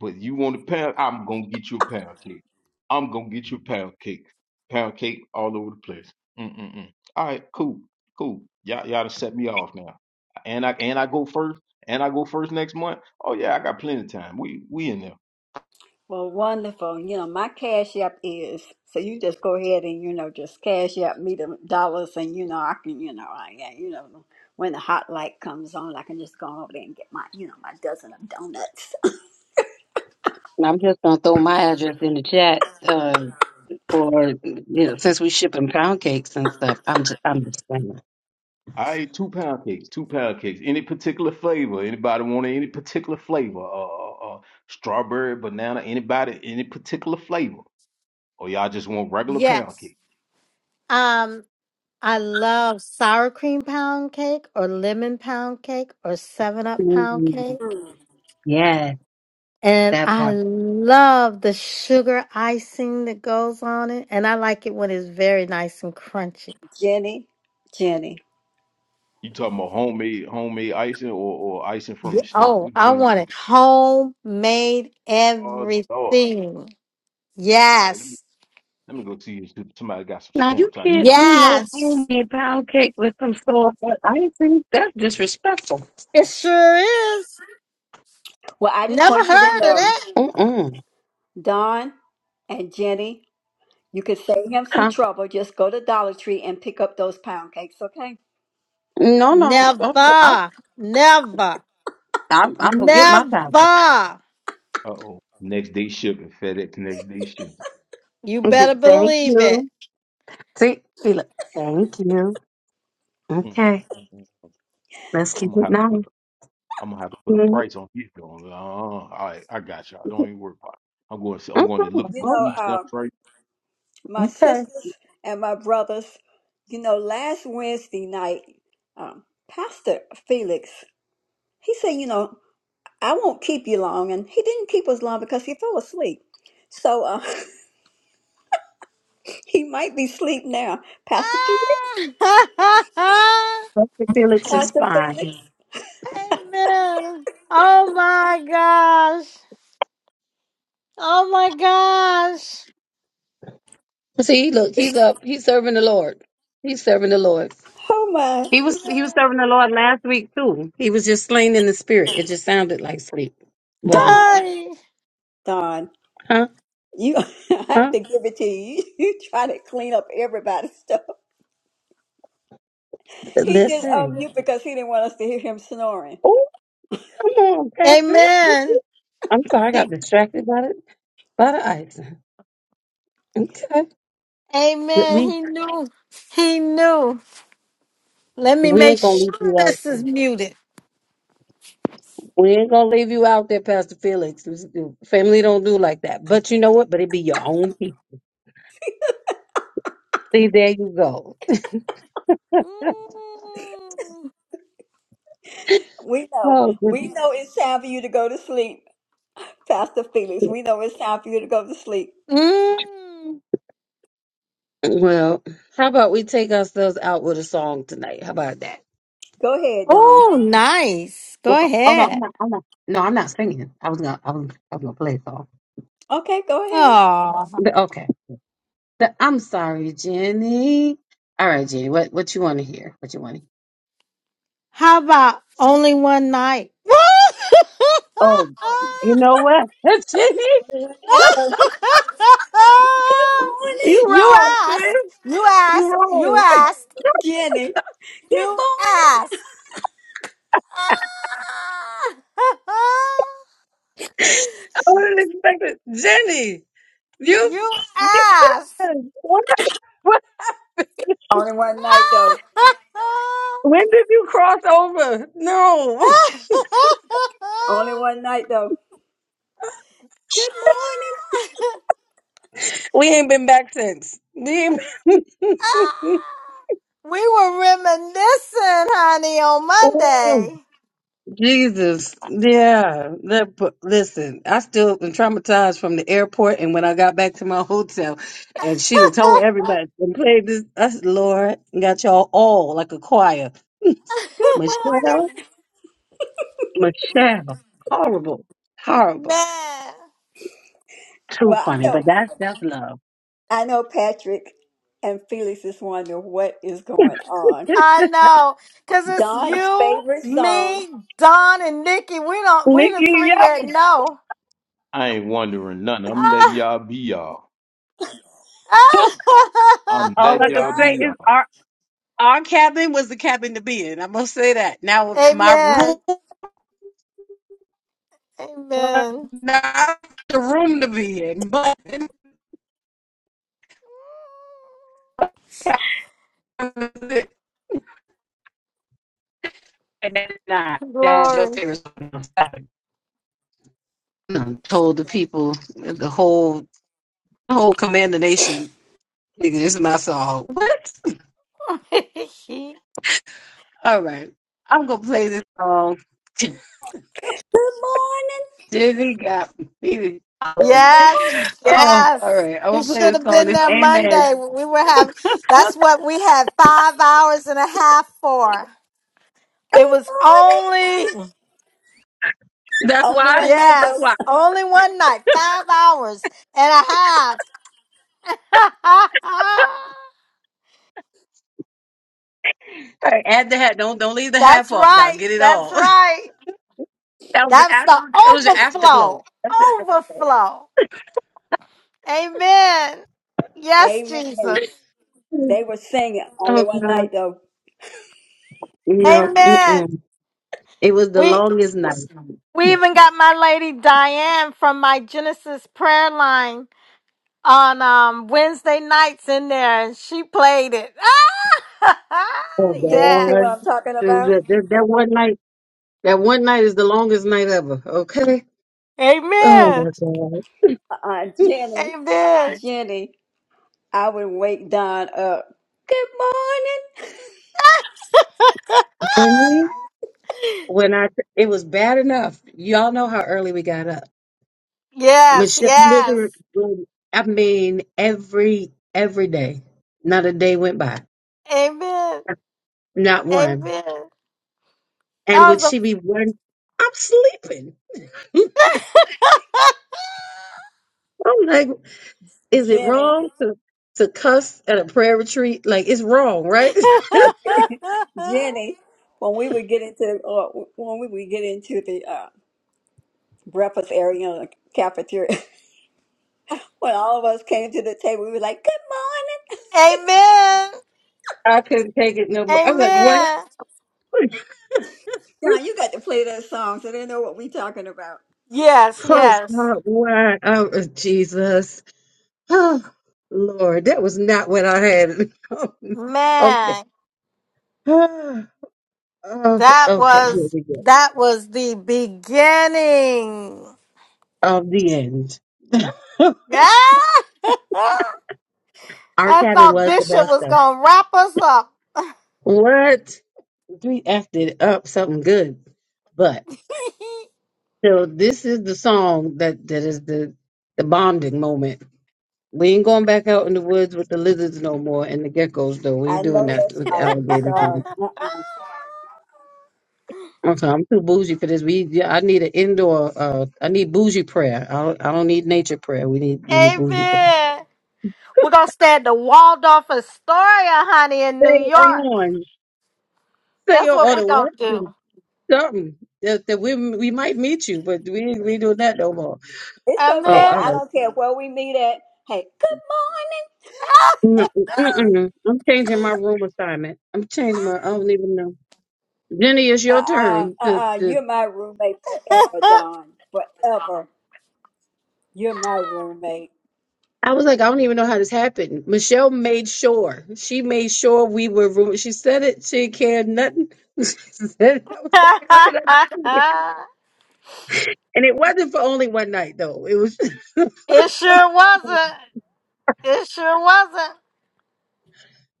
Speaker 2: but you want a pound? I'm gonna get you a pound cake. I'm gonna get you a pound cake. Pound cake all over the place. Mm-mm-mm. All right, cool, cool. Y'all, y'all done set me off now. And I and I go first. And I go first next month. Oh yeah, I got plenty of time. We we in there.
Speaker 1: Well, wonderful. You know, my cash app is so you just go ahead and you know just cash app me the dollars, and you know I can you know I yeah you know when the hot light comes on, I can just go over there and get my you know my dozen of donuts.
Speaker 4: I'm just gonna throw my address in the chat uh, for you know since we shipping pound cakes and stuff. I'm just I'm just saying.
Speaker 2: I ate two pound cakes, two pound cakes. Any particular flavor? Anybody want any particular flavor? Uh, uh, uh, strawberry, banana. Anybody? Any particular flavor? Or y'all just want regular pound cake?
Speaker 5: Yes. Um, I love sour cream pound cake or lemon pound cake or seven up pound
Speaker 4: Mm.
Speaker 5: cake.
Speaker 4: Yeah,
Speaker 5: And
Speaker 4: that
Speaker 5: I
Speaker 4: part.
Speaker 5: love the sugar icing that goes on it. And I like it when it's very nice and crunchy.
Speaker 1: Jenny, Jenny.
Speaker 2: You talking about homemade homemade icing or, or icing from
Speaker 5: Yeah.
Speaker 2: the store?
Speaker 5: Oh,
Speaker 2: Which
Speaker 5: I
Speaker 2: one? do
Speaker 5: want
Speaker 2: you-
Speaker 5: it homemade
Speaker 2: Oh Lord! All
Speaker 5: everything.
Speaker 2: right, let me
Speaker 5: Yes.
Speaker 2: let me go see if somebody got some
Speaker 4: Now you
Speaker 2: stamps I can
Speaker 4: can't
Speaker 2: buy
Speaker 4: do
Speaker 2: real.
Speaker 4: no
Speaker 5: Yes.
Speaker 4: homemade pound cake with some store bought icing. That's disrespectful.
Speaker 5: It sure is.
Speaker 1: Well, I just
Speaker 5: Never
Speaker 1: want you to
Speaker 5: heard of
Speaker 1: know,
Speaker 5: that.
Speaker 4: Mm-mm.
Speaker 1: Don and Jenny, you could save him some
Speaker 4: Huh?
Speaker 1: trouble. Just go to Dollar Tree and pick up those pound cakes, okay?
Speaker 4: No, no. Okay, I,
Speaker 5: Never, never,
Speaker 4: I'm I'm gonna get my pound
Speaker 5: never.
Speaker 2: Uh oh. Next day shipping, FedEx next day shipping.
Speaker 5: You
Speaker 4: cake.
Speaker 5: better
Speaker 2: Mm,
Speaker 4: Thank
Speaker 5: believe it.
Speaker 4: you. See, see, look. Thank you.
Speaker 2: mm,
Speaker 4: Okay.
Speaker 2: mm, mm.
Speaker 4: Let's
Speaker 2: I'm,
Speaker 4: keep
Speaker 2: I'm gonna
Speaker 4: it
Speaker 2: have to
Speaker 4: nice.
Speaker 2: put a, I'm gonna have to put a
Speaker 4: Mhm.
Speaker 2: price on these. joints. Uh, all right, I got y'all. Don't even worry about it. I'm going to I'm going to look
Speaker 1: You
Speaker 2: for
Speaker 1: know,
Speaker 2: food stamp
Speaker 1: um,
Speaker 2: price.
Speaker 1: my
Speaker 4: Okay.
Speaker 1: sisters and my brothers, you know, last Wednesday night, um, Pastor Felix, he said, you know, I won't keep you long. And he didn't keep us long because he fell asleep. So uh, he might be asleep now. Pastor Felix,
Speaker 5: Ah!
Speaker 4: Felix is
Speaker 1: Pastor
Speaker 4: fine.
Speaker 1: Felix,
Speaker 5: Amen. Oh my gosh. Oh my gosh.
Speaker 4: See, look, he's up. He's serving the Lord. He's serving the Lord.
Speaker 1: oh my.
Speaker 4: He was
Speaker 5: Amen.
Speaker 4: he leaned in the spirit. It just sounded like sleep, wasn't it?
Speaker 1: Don,
Speaker 5: Ay.
Speaker 1: Don,
Speaker 4: Huh?
Speaker 1: you, I have
Speaker 4: Huh?
Speaker 1: to give it to you. You try to clean up everybody's stuff. He did
Speaker 4: Listen.
Speaker 1: unmute because he didn't want us to hear him snoring.
Speaker 4: Hey. Oh, come on, Patrick.
Speaker 5: Amen.
Speaker 4: I'm sorry, I got
Speaker 5: He-
Speaker 4: distracted by the by the ice. Okay, But
Speaker 5: Amen.
Speaker 4: we
Speaker 5: He knew. He knew. Let me
Speaker 4: we
Speaker 5: make
Speaker 4: ain't gonna leave
Speaker 5: sure
Speaker 4: you out.
Speaker 5: this
Speaker 4: there.
Speaker 5: is muted.
Speaker 4: We ain't gonna leave you out there, Pastor Felix. This- Family don't do like that. But you know what? But it be your own people. See, there you go.
Speaker 5: Mm.
Speaker 1: We know,
Speaker 4: Oh.
Speaker 1: we know it's time for you to go to sleep. Pastor Felix, we know it's time for you to go to sleep.
Speaker 5: Mm.
Speaker 4: Well, how about we take ourselves out with a song tonight? How about that?
Speaker 1: Go ahead, Don.
Speaker 5: Oh, nice.
Speaker 4: Oh,
Speaker 5: Go
Speaker 4: no, I'm
Speaker 5: ahead.
Speaker 4: not. I'm not. No, I'm not singing. I was gonna. I was. I was gonna play a song.
Speaker 1: Okay, go ahead.
Speaker 5: Oh,
Speaker 4: But, okay. But I'm sorry.
Speaker 5: how about only one night?
Speaker 4: Oh, you know what? Jenny,
Speaker 1: Good night, though. Good morning.
Speaker 4: you
Speaker 5: you
Speaker 4: wrong,
Speaker 5: asked.
Speaker 4: sis.
Speaker 5: You
Speaker 4: You
Speaker 5: asked. You
Speaker 4: wrong.
Speaker 5: asked.
Speaker 1: Jenny. Good
Speaker 5: You
Speaker 1: morning.
Speaker 5: asked. you asked.
Speaker 4: I wasn't expecting Jenny. You, you what, what,
Speaker 1: Only one night though.
Speaker 4: when did you cross over? No,
Speaker 1: Only one night though. Good morning.
Speaker 4: we ain't been back since. We
Speaker 5: Ah,
Speaker 4: ain't-
Speaker 5: We were reminiscing, honey, on Monday.
Speaker 4: Jesus, yeah. That, p- listen, I still been traumatized from the airport, and when I got back to my hotel, and she done told everybody and played this. I said, Lord, got y'all all like a choir.
Speaker 1: Good
Speaker 4: Michelle,
Speaker 1: morning.
Speaker 4: Michelle, horrible, horrible.
Speaker 5: Man,
Speaker 4: Too
Speaker 1: Well, I
Speaker 4: funny,
Speaker 1: know
Speaker 4: but that's that's love.
Speaker 1: I know Patrick and Felix is wondering what is going on.
Speaker 5: I know, cause it's
Speaker 1: Don's
Speaker 5: you,
Speaker 1: favorite song.
Speaker 5: me, Don, and Nikki. We don't. We the
Speaker 4: Nikki,
Speaker 5: three
Speaker 4: yep.
Speaker 5: that know.
Speaker 2: I ain't wondering nothing. I'm letting
Speaker 5: Ah,
Speaker 2: y'all be y'all. I'm
Speaker 4: All
Speaker 5: ah.
Speaker 2: letting
Speaker 4: I
Speaker 1: Well
Speaker 4: can
Speaker 2: y'all be
Speaker 4: say
Speaker 1: Don's
Speaker 2: y'all.
Speaker 4: is our our cabin was the cabin to be in. I must say that. Now my room
Speaker 5: Amen.
Speaker 4: was
Speaker 5: Amen.
Speaker 4: not the room to be in, but uh, that's your
Speaker 5: Glory.
Speaker 4: favorite song Um, Told the people, the whole, the whole Command the nation, nigga, this is my song. What? All right, I'm gonna play this song.
Speaker 1: Good morning.
Speaker 4: Dizzy got me.
Speaker 1: Good
Speaker 5: Yes,
Speaker 1: morning.
Speaker 4: Oh,
Speaker 5: yes.
Speaker 4: all right, I'm
Speaker 5: We
Speaker 4: gonna play
Speaker 5: should
Speaker 4: this
Speaker 5: have
Speaker 4: song.
Speaker 5: been
Speaker 4: It's
Speaker 5: there
Speaker 4: Amen.
Speaker 5: Monday. We were having, that's what we had five hours and a half for. It
Speaker 1: Good
Speaker 5: was
Speaker 1: morning.
Speaker 5: only,
Speaker 4: That's
Speaker 1: only
Speaker 4: why.
Speaker 1: one night
Speaker 4: That's
Speaker 1: though.
Speaker 5: yes,
Speaker 4: why.
Speaker 5: only one night, five hours and a half.
Speaker 4: All right, add the hat. Don't don't leave the half
Speaker 5: that's
Speaker 4: off now.
Speaker 5: right.
Speaker 4: Get it
Speaker 5: That's
Speaker 4: all.
Speaker 5: right.
Speaker 4: that was the
Speaker 5: That's
Speaker 4: after. It
Speaker 5: the
Speaker 4: was the afterglow.
Speaker 5: overflow.
Speaker 4: That's the
Speaker 5: Overflow. Amen. Yes,
Speaker 1: Amen.
Speaker 5: Jesus.
Speaker 4: afterglow.
Speaker 1: They were singing only
Speaker 4: Oh
Speaker 1: one night
Speaker 4: God.
Speaker 1: though.
Speaker 5: Amen.
Speaker 4: No. It was the
Speaker 5: We
Speaker 4: longest night.
Speaker 5: We even got my lady Diane from my Genesis prayer line on um, Wednesday nights in there, and she played it.
Speaker 4: Oh
Speaker 1: See, see
Speaker 5: yes.
Speaker 1: what
Speaker 4: God.
Speaker 1: I'm talking about?
Speaker 4: That, that, that one night that one night is the longest night ever. Okay. Oh
Speaker 5: Amen.
Speaker 4: my God.
Speaker 1: Uh, uh, Jenny,
Speaker 5: Amen.
Speaker 1: Jenny, I would wake Don up. Good morning,
Speaker 4: And then when I it was bad enough. Y'all know how early we got up.
Speaker 5: Yes.
Speaker 4: Michelle
Speaker 5: Yes.
Speaker 4: literally I mean every every day. Not a day went by.
Speaker 5: Amen.
Speaker 4: Not one.
Speaker 5: Amen.
Speaker 4: And would
Speaker 5: That was
Speaker 4: she be one I'm sleeping. I'm
Speaker 5: a.
Speaker 4: like, is it
Speaker 1: Jenny,
Speaker 4: wrong to to cuss at a prayer retreat? Like it's wrong, right?
Speaker 1: Jenny. When we would get into uh, when we would get into the uh, breakfast area, you know, the cafeteria, when all of us came to the table, we were like, "Good
Speaker 5: Amen.
Speaker 4: I couldn't take it no more. I was like, what?
Speaker 5: Amen.
Speaker 1: morning, Don. You got to play that song, so they know what we talking about."
Speaker 5: Yes.
Speaker 4: Oh,
Speaker 5: Yes.
Speaker 4: God, why? Oh, Jesus. Oh, Lord, that was not what I had. okay.
Speaker 5: Man,
Speaker 4: Oh,
Speaker 5: that
Speaker 4: okay, here
Speaker 5: was
Speaker 4: we go.
Speaker 5: that was the beginning.
Speaker 4: Of the end.
Speaker 5: Yeah.
Speaker 4: Our
Speaker 5: I
Speaker 4: cabin
Speaker 5: thought
Speaker 4: was the
Speaker 5: Bishop
Speaker 4: best,
Speaker 5: was
Speaker 4: though.
Speaker 5: gonna wrap us up.
Speaker 4: What? We effed it up something good. But, so this is the song that, that is the, the bonding moment. We ain't going back out in the woods with the lizards no more and the geckos though. We ain't
Speaker 1: I
Speaker 4: doing
Speaker 1: know
Speaker 4: that
Speaker 1: that's
Speaker 4: with the
Speaker 1: right. I'm
Speaker 4: alligators.
Speaker 1: sorry.
Speaker 4: Okay, I'm too bougie for this. We yeah, I need an indoor. Uh, I need bougie prayer. I don't, I don't need nature prayer. We need we need bougie prayer.
Speaker 5: Amen. We're gonna stay at the Waldorf Astoria, honey, in New
Speaker 4: Stay
Speaker 5: York.
Speaker 4: on, stay
Speaker 5: That's
Speaker 4: on
Speaker 5: what
Speaker 4: or
Speaker 5: we
Speaker 4: the
Speaker 5: gonna
Speaker 4: watching
Speaker 5: do.
Speaker 4: something that, that we we might meet you, but we we doing that no more.
Speaker 1: It's
Speaker 4: Oh,
Speaker 1: okay.
Speaker 4: all
Speaker 5: Amen.
Speaker 1: I
Speaker 4: right.
Speaker 1: don't care where we meet at. Hey, good morning.
Speaker 4: Mm, mm, mm. I'm changing my room assignment. I'm changing my. I don't even know. Jenny, it's
Speaker 1: Uh,
Speaker 4: your
Speaker 1: uh,
Speaker 4: turn. to.
Speaker 1: uh, uh,
Speaker 4: to
Speaker 1: you're my roommate forever, Don. Forever. You're my roommate.
Speaker 4: I was like, I don't even know how this happened. Michelle made sure. She made sure we were room. She said it. She didn't care nothing. She said it. I was like, how did I do it? And it wasn't for only one night though. It was
Speaker 5: it sure wasn't. It sure wasn't.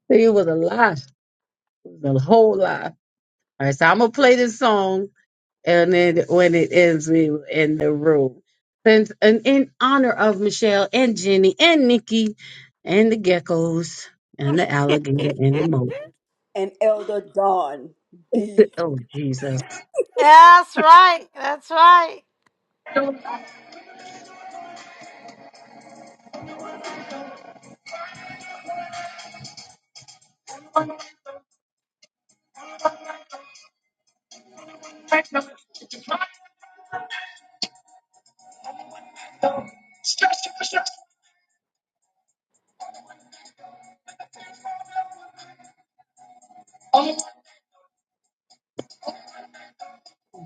Speaker 4: it was a lie. It was a whole lie. All right, so I'm gonna play this song and then when it ends we were in the room. Since and in honor of Michelle and Jenny and Nikki and the geckos and the alligator and the moat.
Speaker 1: And Elder Don B.
Speaker 4: Oh Jesus.
Speaker 5: That's right. That's right.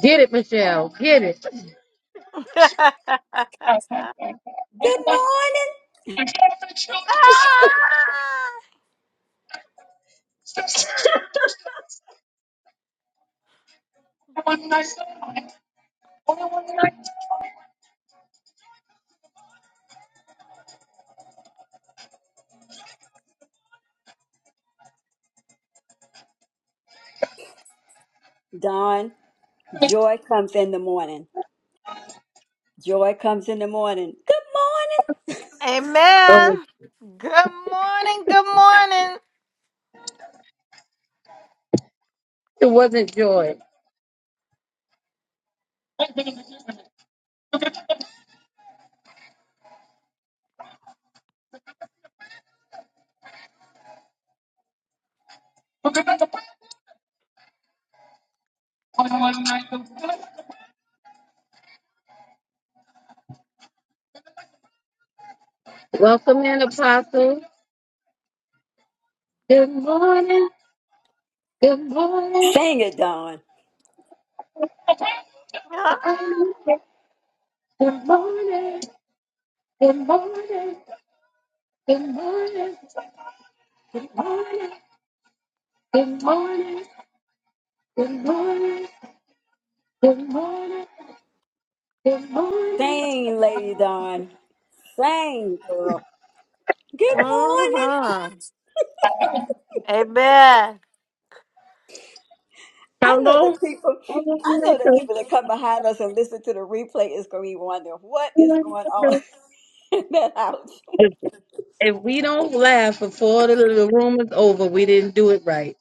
Speaker 4: Get it, Michelle. Get it. Oh.
Speaker 1: Good morning. Don, joy comes in the morning. Joy comes in the morning. Good morning.
Speaker 5: Amen. Good morning. Good morning.
Speaker 4: It wasn't joy. Good, good morning.
Speaker 1: Sing it, Dawn.
Speaker 4: I need it. Good morning. Good morning. Good morning. Good morning. Good morning. Good morning. Good morning. Good morning.
Speaker 1: Sing, Lady Dawn. Sing, girl. Good morning.
Speaker 5: Mm-hmm. Amen.
Speaker 4: How
Speaker 1: I know the
Speaker 4: long?
Speaker 1: people. I know the people that come behind us and listen to the replay is going to be wondering what is going on
Speaker 4: If,
Speaker 1: in that house.
Speaker 4: if we don't laugh before the, the room is over, we didn't do it right.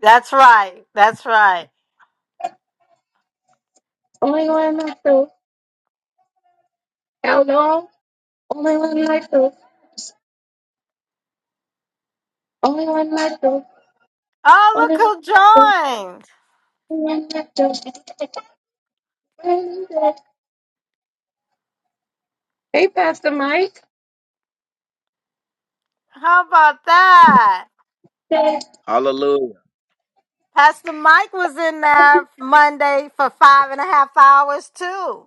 Speaker 5: That's right. That's right.
Speaker 4: Only one night though. How long? Only one night though. Only one night though.
Speaker 5: Oh, look
Speaker 4: Only one
Speaker 5: who
Speaker 4: night though.
Speaker 5: joined.
Speaker 4: Only one night though. Hey, Pastor Mike.
Speaker 5: How about that?
Speaker 7: Hallelujah.
Speaker 5: Pastor Mike was in there Monday for five and a half hours, too.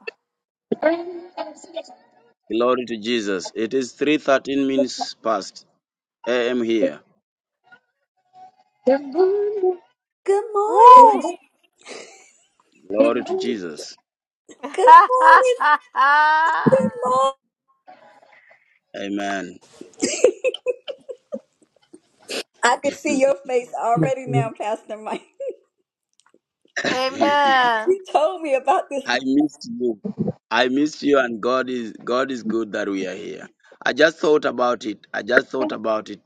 Speaker 7: Glory to Jesus. It is 3.13 minutes past AM here.
Speaker 1: Good morning.
Speaker 5: Woo!
Speaker 7: Glory to Jesus.
Speaker 1: Good morning. Good morning.
Speaker 7: Amen.
Speaker 1: I can see your face already now, Pastor Mike.
Speaker 7: I
Speaker 5: Amen.
Speaker 1: You told me about this,
Speaker 7: missed you. I missed you and God is God is good that we are here. I just thought about it. I just thought about it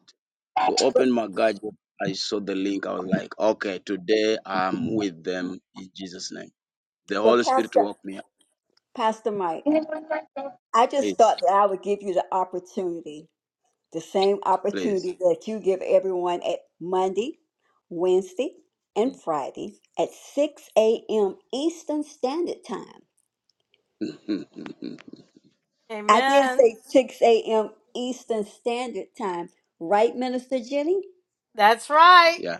Speaker 7: to
Speaker 1: but
Speaker 7: open my gadget. I saw the link. I was like, okay, today I'm with them in Jesus' name. The
Speaker 1: but
Speaker 7: Holy Spirit
Speaker 1: Pastor
Speaker 7: woke me up.
Speaker 1: Pastor Mike, I just
Speaker 7: Please,
Speaker 1: thought that I would give you the opportunity the same
Speaker 7: please.
Speaker 1: opportunity that you give everyone at Monday, Wednesday, and Friday at 6 a.m. Eastern Standard Time. I did
Speaker 5: Amen.
Speaker 1: say 6 a.m. Eastern Standard Time, right, Minister Jenny?
Speaker 5: That's right.
Speaker 7: yeah,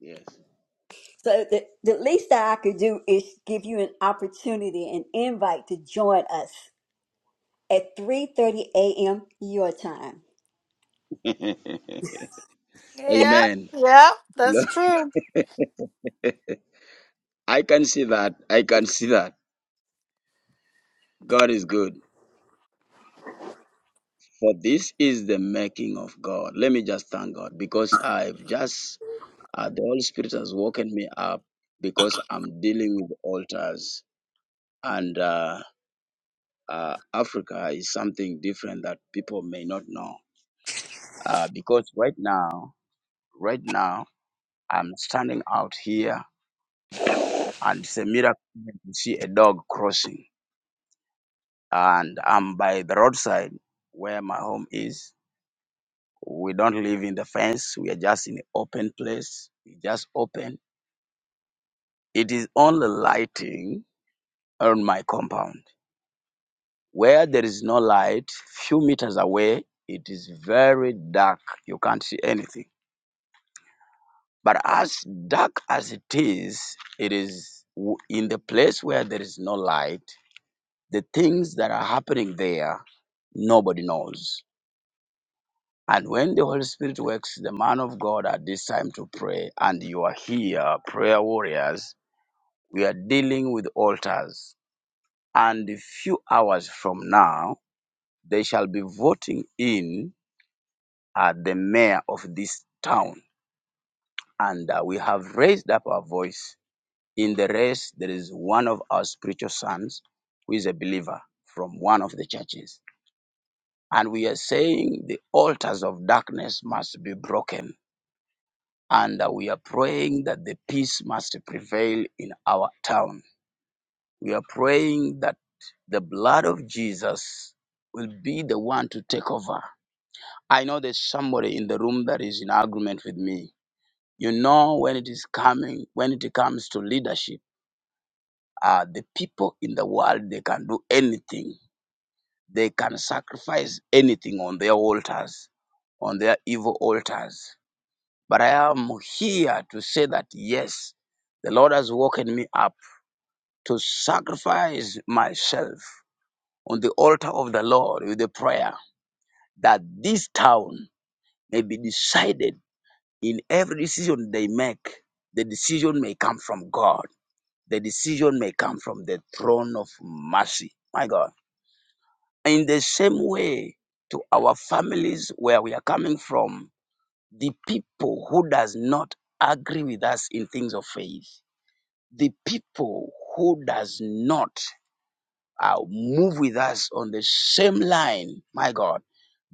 Speaker 7: yes.
Speaker 1: So the, the least that I could do is give you an opportunity, an invite to join us at 3.30 a.m. your time.
Speaker 5: Yep.
Speaker 7: Amen.
Speaker 5: Yep. That's
Speaker 7: No,
Speaker 5: true.
Speaker 7: I can see that. I can see that. God is good. For this is the making of God. Let me just thank God because I've just, uh, the Holy Spirit has woken me up because I'm dealing with altars. And uh, uh, Africa is something different that people may not know. Uh, because right now, right now, I'm standing out here and it's a miracle to see a dog crossing. And I'm by the roadside where my home is We don't live in the fence. We are just in an open place. We just open. It is only lighting on my compound. Where there is no light, few meters away, it is very dark. You can't see anything. But as dark as it is, it is w- in the place where there is no light. The things that are happening there, nobody knows. And when the Holy Spirit works, the man of God at this time to pray, and you are here, prayer warriors, We are dealing with altars. And a few hours from now, they shall be voting in uh, the mayor of this town. And uh, we have raised up our voice. In the race, there is one of our spiritual sons who is a believer from one of the churches. And we are saying the altars of darkness must be broken. And uh, we are praying that the peace must prevail in our town We are praying that the blood of Jesus will be the one to take over. I know there's somebody in the room that is in agreement with me. You know when it is coming, when it comes to leadership, uh, the people in the world they can do anything. They can sacrifice anything on their altars, on their evil altars. But I am here to say that yes, the Lord has woken me up to sacrifice myself on the altar of the Lord with a prayer that this town may be decided in every decision they make. The decision may come from God, the decision may come from the throne of mercy. My God. In the same way, to our families where we are coming from, the people who does not agree with us in things of faith, the people who does not uh, move with us on the same line, my God.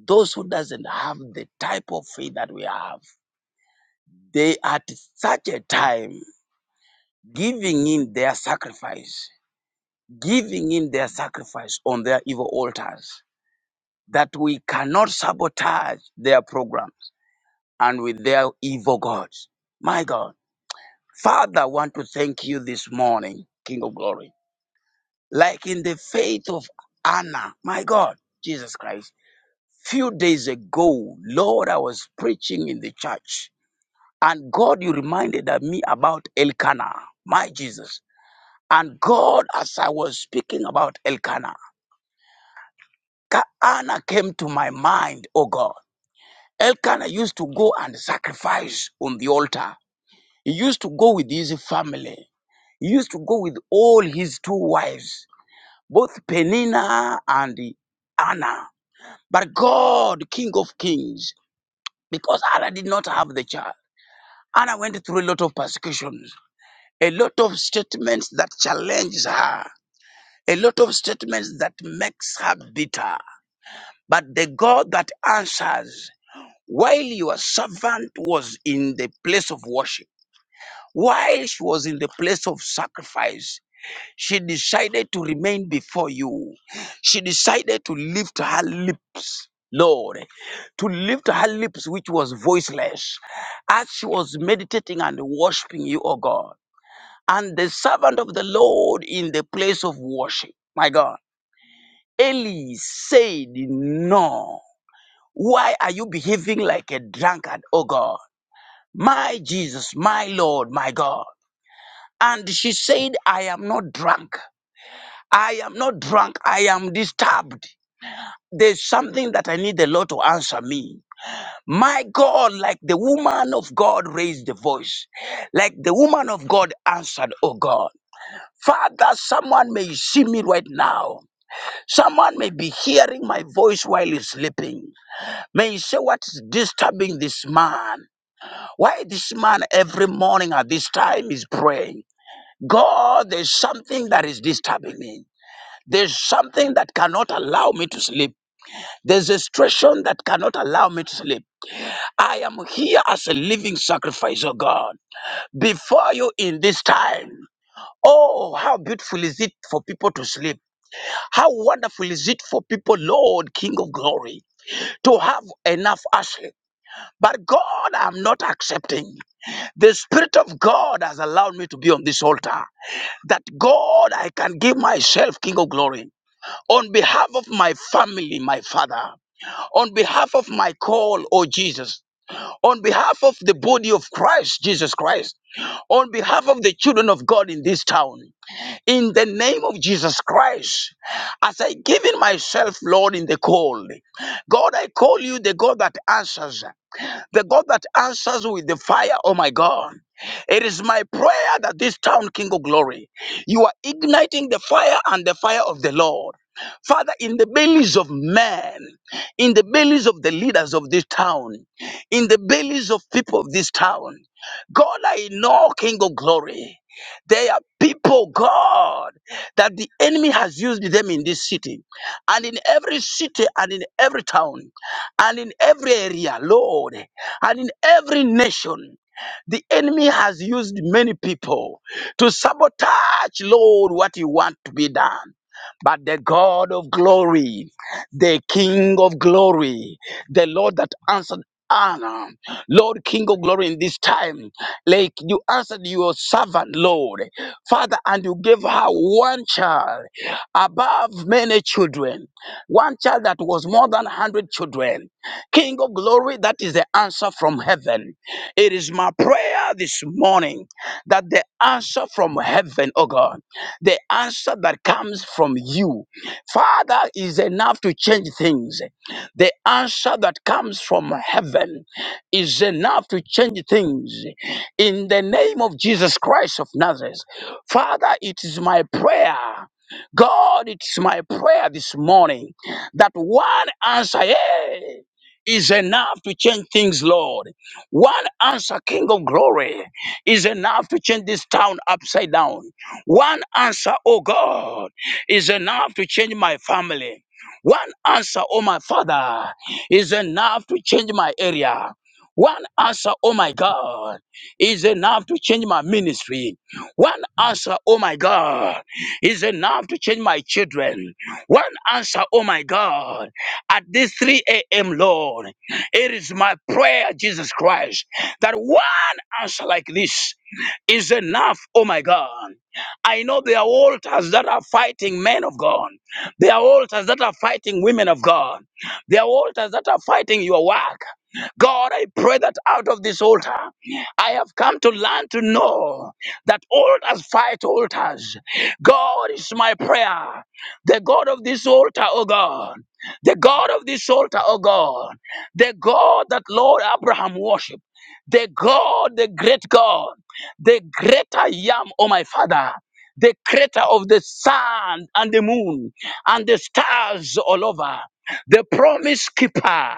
Speaker 7: Those who doesn't have the type of faith that we have, they at such a time giving in their sacrifice, giving in their sacrifice on their evil altars, that we cannot sabotage their programs and with their evil gods. My God, Father, I want to thank you this morning, King of Glory. Like in the faith of Anna, my God, Jesus Christ. Few days ago, Lord, I was preaching in the church, and God, you reminded me about Elkanah, my Jesus. And God, as I was speaking about Elkanah, Kaana came to my mind, oh God. Elkanah used to go and sacrifice on the altar. He used to go with his family. He used to go with all his two wives, both Penina and Anna. But God, King of Kings, because Anna did not have the child. Anna went through a lot of persecutions, a lot of statements that challenges her, a lot of statements that makes her bitter. But the God that answers, while your servant was in the place of worship, while she was in the place of sacrifice, she decided to remain before you. She decided to lift her lips, Lord, to lift her lips, which was voiceless, as she was meditating and worshiping you, O God. and the servant of the Lord in the place of worship. My God. Eli said, No. Why are you behaving like a drunkard, oh God? My Jesus, my Lord, my God. And she said, I am not drunk. I am not drunk. I am disturbed. There's something that I need the Lord to answer me. My God, like the woman of God raised the voice, like the woman of God answered, Oh God. Father, someone may see me right now Someone may be hearing my voice while he's sleeping. May you say, What is disturbing this man? Why this man every morning at this time is praying? God, there's something that is disturbing me. There's something that cannot allow me to sleep. There's a situation that cannot allow me to sleep. I am here as a living sacrifice, oh God, before you in this time. Oh, how beautiful is it for people to sleep? How wonderful is it for people, Lord, King of glory? to have enough ashes. But God, I'm not accepting. The Spirit of God has allowed me to be on this altar. That God, I can give myself, King of Glory, on behalf of my family, my Father, on behalf of my call, oh Jesus, on behalf of the body of Christ, Jesus Christ, on behalf of the children of God in this town, in the name of Jesus Christ, as I give in myself, Lord, in the call, God, I call you the God that answers. The God that answers with the fire, oh my God. It is my prayer that this town, King of Glory, you are igniting the fire and the fire of the Lord. Father, in the bellies of men, in the bellies of the leaders of this town, in the bellies of people of this town, God, I know, King of Glory, there are people, God, that the enemy has used them in this city, and in every city, and in every town, and in every area, Lord. And in every nation, the enemy has used many people to sabotage, Lord, what you want to be done. But the God of glory, the King of glory, the Lord that answered honor, Lord, King of glory, in this time, like you answered your servant, Lord, Father, and you gave her one child above many children, one child that was more than 100 children. King of glory, that is the answer from heaven. It is my prayer this morning that the answer from heaven, oh God, the answer that comes from you, Father, is enough to change things. The answer that comes from heaven is enough to change things. In the name of Jesus Christ of Nazareth, Father, it is my prayer. God, it's my prayer this morning that one answer, yeah, is enough to change things, Lord. One answer, King of Glory, is enough to change this town upside down. One answer, oh God, is enough to change my family. One answer, oh my Father, is enough to change my area. One answer, oh my God, is enough to change my ministry. One answer, oh my God, is enough to change my children. One answer, oh my God, at this 3 a.m., Lord. It is my prayer, Jesus Christ, that one answer like this is enough, oh my God. I know there are altars that are fighting men of God. There are altars that are fighting women of God. There are altars that are fighting your work. God, I pray that out of this altar, I have come to learn to know that altars fight altars. God is my prayer. The God of this altar, oh God. The God of this altar, oh God. The God that Lord Abraham worshiped. The God, the great God. The greater Yam, oh my Father. The creator of the sun and the moon and the stars all over. The promise keeper.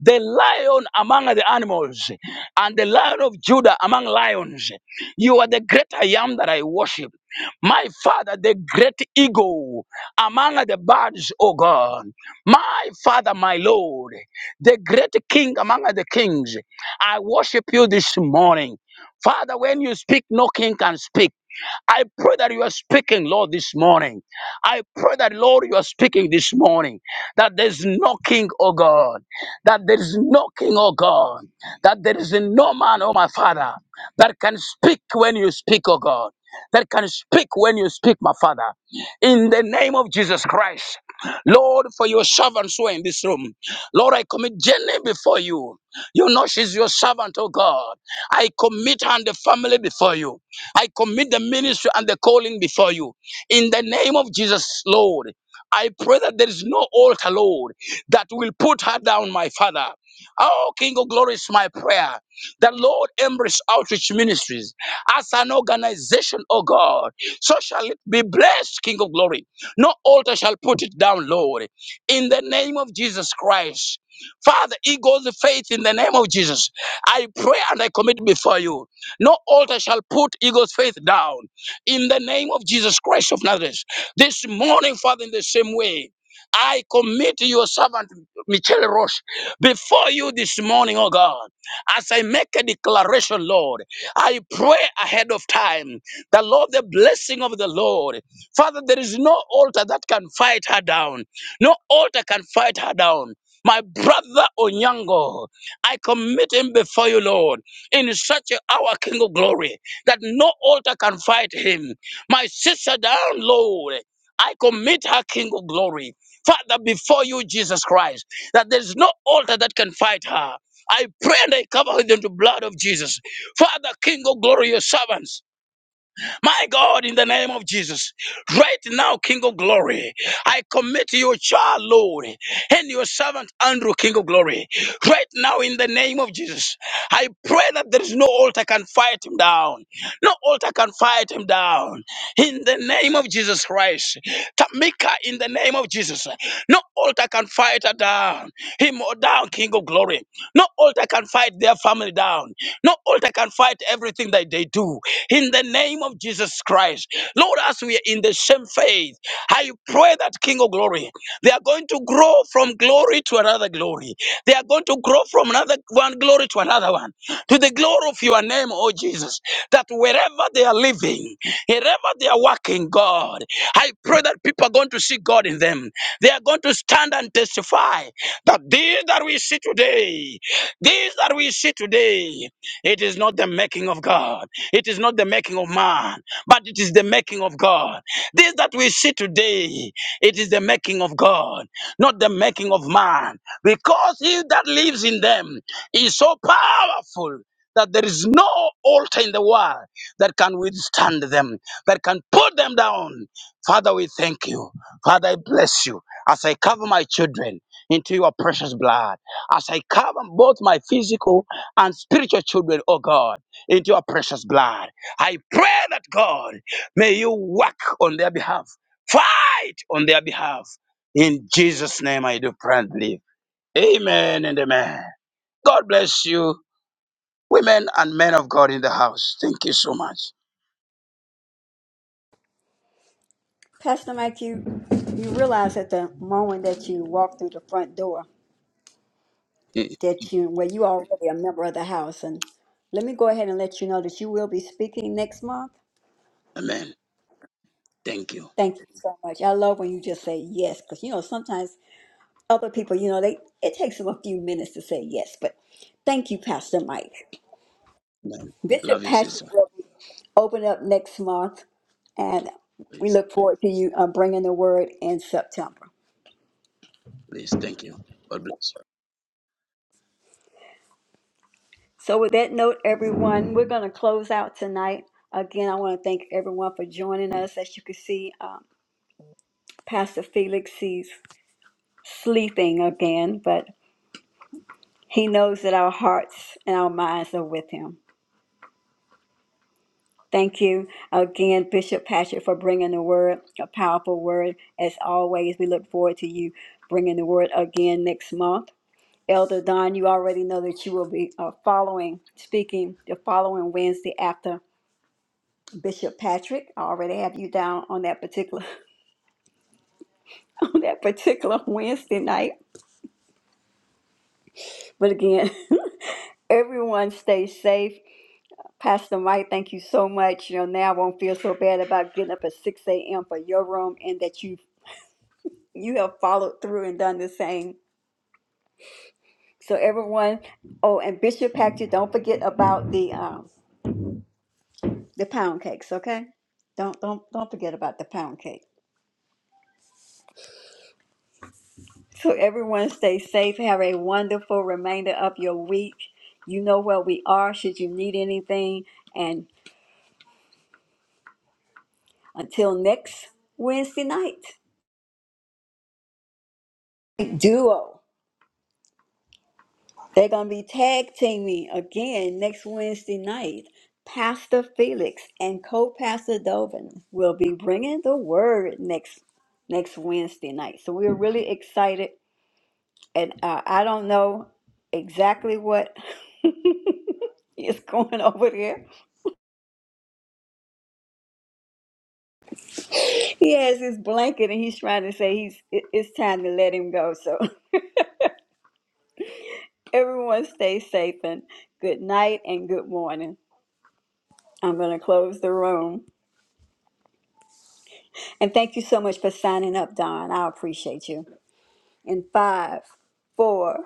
Speaker 7: The lion among the animals and the lion of Judah among lions. You are the great I am that I worship. My father, the great eagle among the birds, O God. My father, my Lord, the great king among the kings. I worship you this morning. Father, when you speak, no king can speak. I pray that you are speaking, Lord, this morning. I pray that, Lord, you are speaking this morning. That there's knocking, oh God. That there's knocking, oh God. That there is no man, oh my Father, that can speak when you speak, oh God. That can speak when you speak, my Father. In the name of Jesus Christ. Lord, for your servants who are in this room. Lord, I commit Jenny before you. You know she's your servant, oh God. I commit her and the family before you. I commit the ministry and the calling before you. In the name of Jesus, Lord, I pray that there is no altar, Lord, that will put her down, my Father. Oh, King of Glory is my prayer. The Lord Embrace Outreach Ministries as an organization, oh God, so shall it be blessed, King of Glory. No altar shall put it down, Lord. In the name of Jesus Christ. Father, eagles of faith in the name of Jesus. I pray and I commit before you. No altar shall put Eagle's faith down. In the name of Jesus Christ of Nazareth. This morning, Father, in the same way, I commit your servant, Michelle Roche, before you this morning, oh God. As I make a declaration, Lord, I pray ahead of time the Lord, the blessing of the Lord. Father, there is no altar that can fight her down. No altar can fight her down. My brother Onyango, I commit him before you, Lord in such an hour, King of glory, that no altar can fight him. My sister down, Lord, I commit her, King of glory, Father, before you, Jesus Christ, that there is no altar that can fight her. I pray and I cover her in the blood of Jesus. Father, King of glory, your servants. My God, in the name of Jesus, right now, King of Glory, I commit your child, Lord, and your servant, Andrew, King of Glory. Right now, in the name of Jesus, I pray that there is no altar can fight him down. No altar can fight him down. In the name of Jesus Christ, Tamika, in the name of Jesus, no altar can fight her down. Him or down, King of Glory. No altar can fight their family down. No altar can fight everything that they do in the name of Jesus Christ. Lord, as we are in the same faith, I pray that King of Glory, they are going to grow from glory to another glory. They are going to grow from another one glory to another one, to the glory of your name, oh Jesus. That wherever they are living, wherever they are working, God, I pray that people are going to see God in them. They are going to stand and testify that these that we see today, these that we see today, it is not the making of God. It is not the making of man, but it is the making of God. This that we see today, it is the making of God, not the making of man. Because he that lives in them is so powerful that there is no altar in the world that can withstand them, that can put them down. Father, we thank you. Father, I bless you as I cover my children into your precious blood, as I cover both my physical and spiritual children, oh God into your precious blood. I pray that God, may you work on their behalf, fight on their behalf. In Jesus' name, I do pray and believe. Amen and amen. God bless you, women and men of God in the house. Thank you so much.
Speaker 1: Pastor Mike, you, you realize at the moment that you walk through the front door
Speaker 7: Mm.
Speaker 1: that you, well, you already a member of the House, and let me go ahead and let you know that you will be speaking next month.
Speaker 7: Amen. Thank you.
Speaker 1: Thank you so much. I love when you just say yes, because you know sometimes other people, you know, they it takes them a few minutes to say yes. But thank you, Pastor Mike.
Speaker 7: Amen.
Speaker 1: Bishop
Speaker 7: Love you,
Speaker 1: Patrick
Speaker 7: sister.
Speaker 1: will be open up next month, and we
Speaker 7: Please,
Speaker 1: look forward to you uh, bringing the word in September.
Speaker 7: please. Thank you. God bless you.
Speaker 1: So, with that note, everyone, we're going to close out tonight. Again, I want to thank everyone for joining us. As you can see. um, Pastor Felix he's sleeping again, but he knows that our hearts and our minds are with him. Thank you again, Bishop Patrick, for bringing the word, a powerful word. As always, we look forward to you bringing the word again next month. Elder Don, you already know that you will be uh, following, speaking the following Wednesday after Bishop Patrick. I already have you down on that particular on that particular Wednesday night. But again, everyone stay safe Pastor Mike, thank you so much. You know, now I won't feel so bad about getting up at 6 a.m. for your room and that you you have followed through and done the same. So everyone, oh, and Bishop Patrick, don't forget about the um the pound cakes, okay? Don't don't don't forget about the pound cake. So everyone stay safe. Have a wonderful remainder of your week. You know where we are should you need anything. And until next Wednesday night, duo. They're going to be tag teaming again next Wednesday night. Pastor Felix and co-pastor Dovin will be bringing the word next next Wednesday night. So we're really excited, and uh, I don't know exactly what is going over there. He has his blanket, and he's trying to say he's it- it's time to let him go. So everyone, stay safe and good night and good morning. I'm going to close the room. And thank you so much for signing up, Don. I appreciate you. In five, four,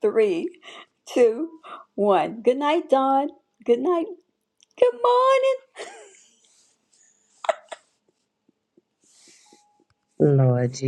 Speaker 1: three, two, one. Good night, Don. Good night. Good morning.
Speaker 4: Lord